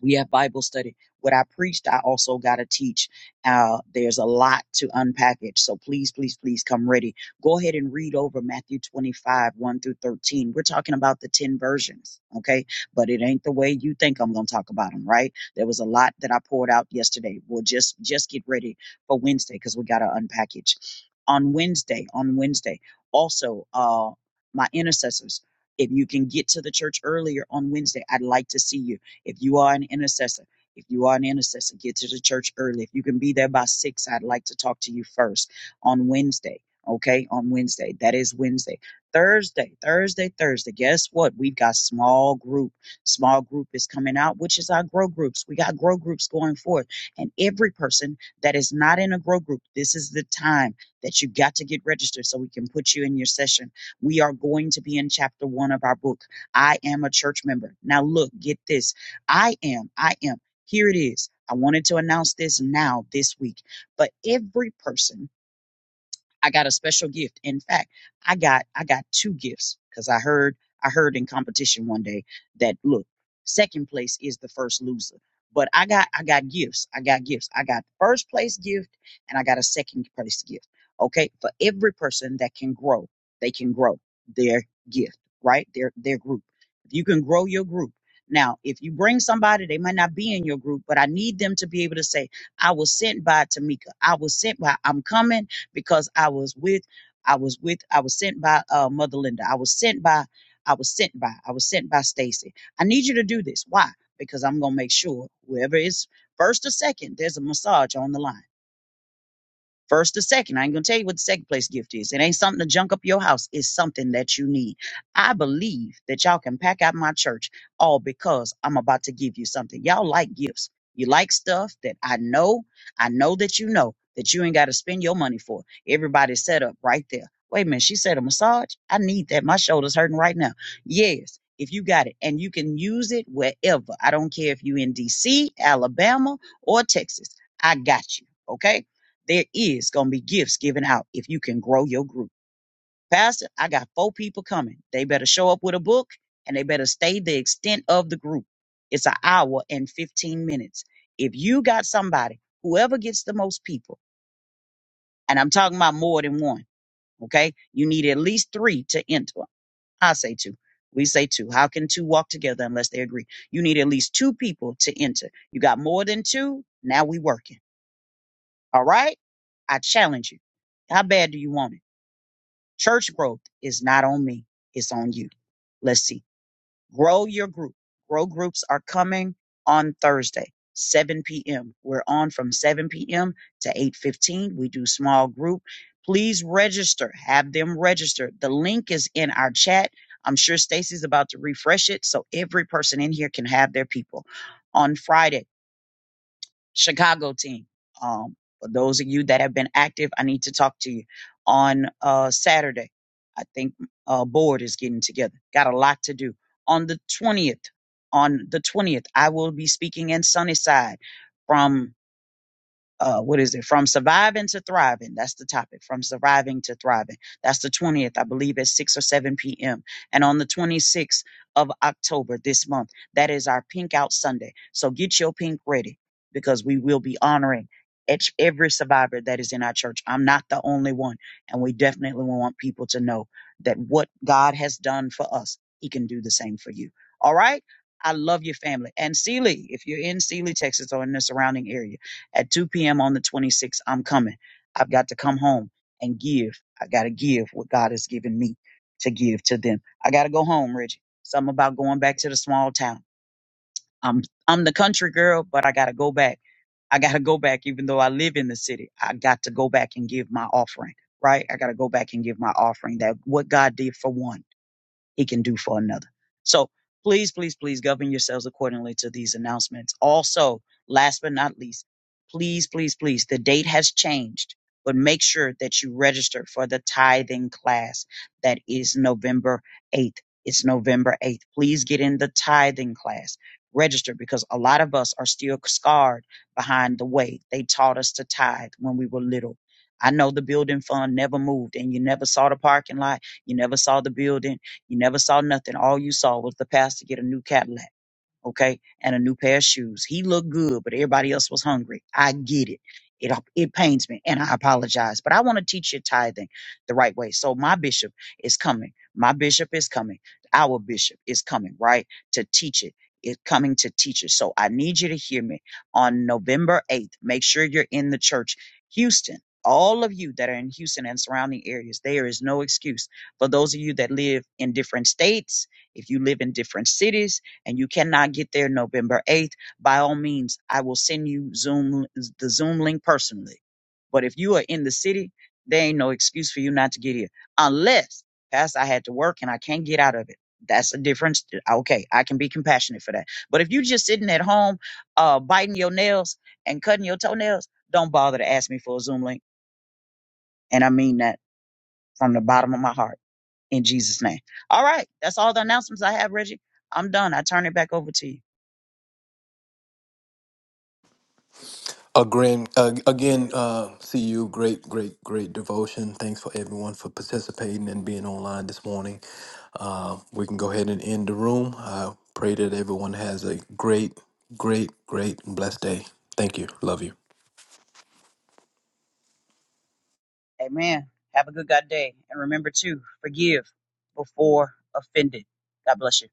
[SPEAKER 3] we have Bible study. What I preached, I also got to teach. Uh, there's a lot to unpackage. So please, please, please come ready. Go ahead and read over Matthew 25, 1 through 13. We're talking about the 10 versions, okay? But it ain't the way you think I'm going to talk about them, right? There was a lot that I poured out yesterday. We'll just, just get ready for Wednesday because we got to unpackage. On Wednesday, on Wednesday, also, uh, my intercessors, if you can get to the church earlier on Wednesday, I'd like to see you if you are an intercessor, if you are an intercessor, get to the church early. If you can be there by six, I'd like to talk to you first on Wednesday. Okay, on Wednesday. That is Wednesday. Thursday, Thursday, Thursday. Guess what? We've got small group. Small group is coming out, which is our grow groups. We got grow groups going forth. And every person that is not in a grow group, this is the time that you got to get registered so we can put you in your session. We are going to be in chapter one of our book. I am a church member. Now, look, get this. I am, I am. Here it is. I wanted to announce this now this week, but every person I got a special gift. In fact, I got I got two gifts because I heard I heard in competition one day that look, second place is the first loser. But I got I got gifts. I got gifts. I got the first place gift and I got a second place gift. Okay, for every person that can grow, they can grow their gift, right? Their their group. If you can grow your group. Now, if you bring somebody, they might not be in your group, but I need them to be able to say, I was sent by Tamika. I was sent by, I'm coming because I was with, I was with, I was sent by uh, Mother Linda. I was sent by, I was sent by, I was sent by Stacy. I need you to do this. Why? Because I'm gonna make sure whoever is first or second, there's a massage on the line. First or second, I ain't gonna tell you what the second place gift is. It ain't something to junk up your house. It's something that you need. I believe that y'all can pack out my church all because I'm about to give you something. Y'all like gifts. You like stuff that I know. I know that you know that you ain't got to spend your money for. Everybody's set up right there. Wait a minute, she said a massage. I need that. My shoulder's hurting right now. Yes, if you got it and you can use it wherever. I don't care if you in DC, Alabama, or Texas. I got you. Okay there is going to be gifts given out if you can grow your group. Pastor, I got four people coming. They better show up with a book and they better stay the extent of the group. It's an hour and 15 minutes. If you got somebody, whoever gets the most people, and I'm talking about more than one, okay? You need at least three to enter. I say two. We say two. How can two walk together unless they agree? You need at least two people to enter. You got more than two. Now we working. All right. I challenge you. How bad do you want it? Church growth is not on me, it's on you. Let's see. Grow your group. Grow groups are coming on Thursday, 7 p.m. We're on from 7 p.m. to 8:15. We do small group. Please register. Have them register. The link is in our chat. I'm sure Stacy's about to refresh it so every person in here can have their people. On Friday, Chicago team. Um, for those of you that have been active, I need to talk to you on uh, Saturday. I think uh, board is getting together. Got a lot to do. On the twentieth, on the twentieth, I will be speaking in Sunnyside from uh, what is it? From surviving to thriving. That's the topic. From surviving to thriving. That's the 20th, I believe, at 6 or 7 p.m. And on the 26th of October this month, that is our Pink Out Sunday. So get your pink ready because we will be honoring each, every survivor that is in our church. I'm not the only one. And we definitely want people to know that what God has done for us, He can do the same for you. All right? I love your family. And Sealy, if you're in Sealy, Texas or in the surrounding area, at 2 p.m. on the 26th, I'm coming. I've got to come home and give. I got to give what God has given me to give to them. I got to go home, Reggie. Something about going back to the small town. I'm I'm the country girl, but I got to go back. I got to go back, even though I live in the city. I got to go back and give my offering, right? I got to go back and give my offering. That what God did for one he can do for another. So please, please, please govern yourselves accordingly to these announcements. Also, last but not least, please, please, please, the date has changed, but make sure that you register for the tithing class that is November 8th. It's November 8th. Please get in the tithing class. Register because a lot of us are still scarred behind the way they taught us to tithe when we were little. I know the building fund never moved and you never saw the parking lot. You never saw the building you never saw nothing. All you saw was the pastor get a new Cadillac okay, and a new pair of shoes. He looked good, but everybody else was hungry. I get it. It, it pains me and I apologize, but I want to teach you tithing the right way. So my bishop is coming. My bishop is coming. Our bishop is coming, right? To teach it. It's coming to teach it. So I need you to hear me on November 8th. Make sure you're in the church. Houston, all of you that are in Houston and surrounding areas, there is no excuse. For those of you that live in different states, if you live in different cities, and you cannot get there November 8th, by all means, I will send you Zoom the Zoom link personally. But if you are in the city, there ain't no excuse for you not to get here. Unless, Pastor, I had to work and I can't get out of it. That's a difference. Okay, I can be compassionate for that. But if you just sitting at home, uh, biting your nails and cutting your toenails, don't bother to ask me for a Zoom link. And I mean that from the bottom of my heart in Jesus' name. All right, that's all the announcements I have, Reggie. I'm done. I turn it back over to you.
[SPEAKER 2] Again, uh, again, uh, see you. Great, great, great devotion. Thanks for everyone for participating and being online this morning. Uh, we can go ahead and end the room. I pray that everyone has a great, great, great, and blessed day. Thank you. Love you.
[SPEAKER 3] Amen. Have a good God day. And remember to forgive before offended. God bless you.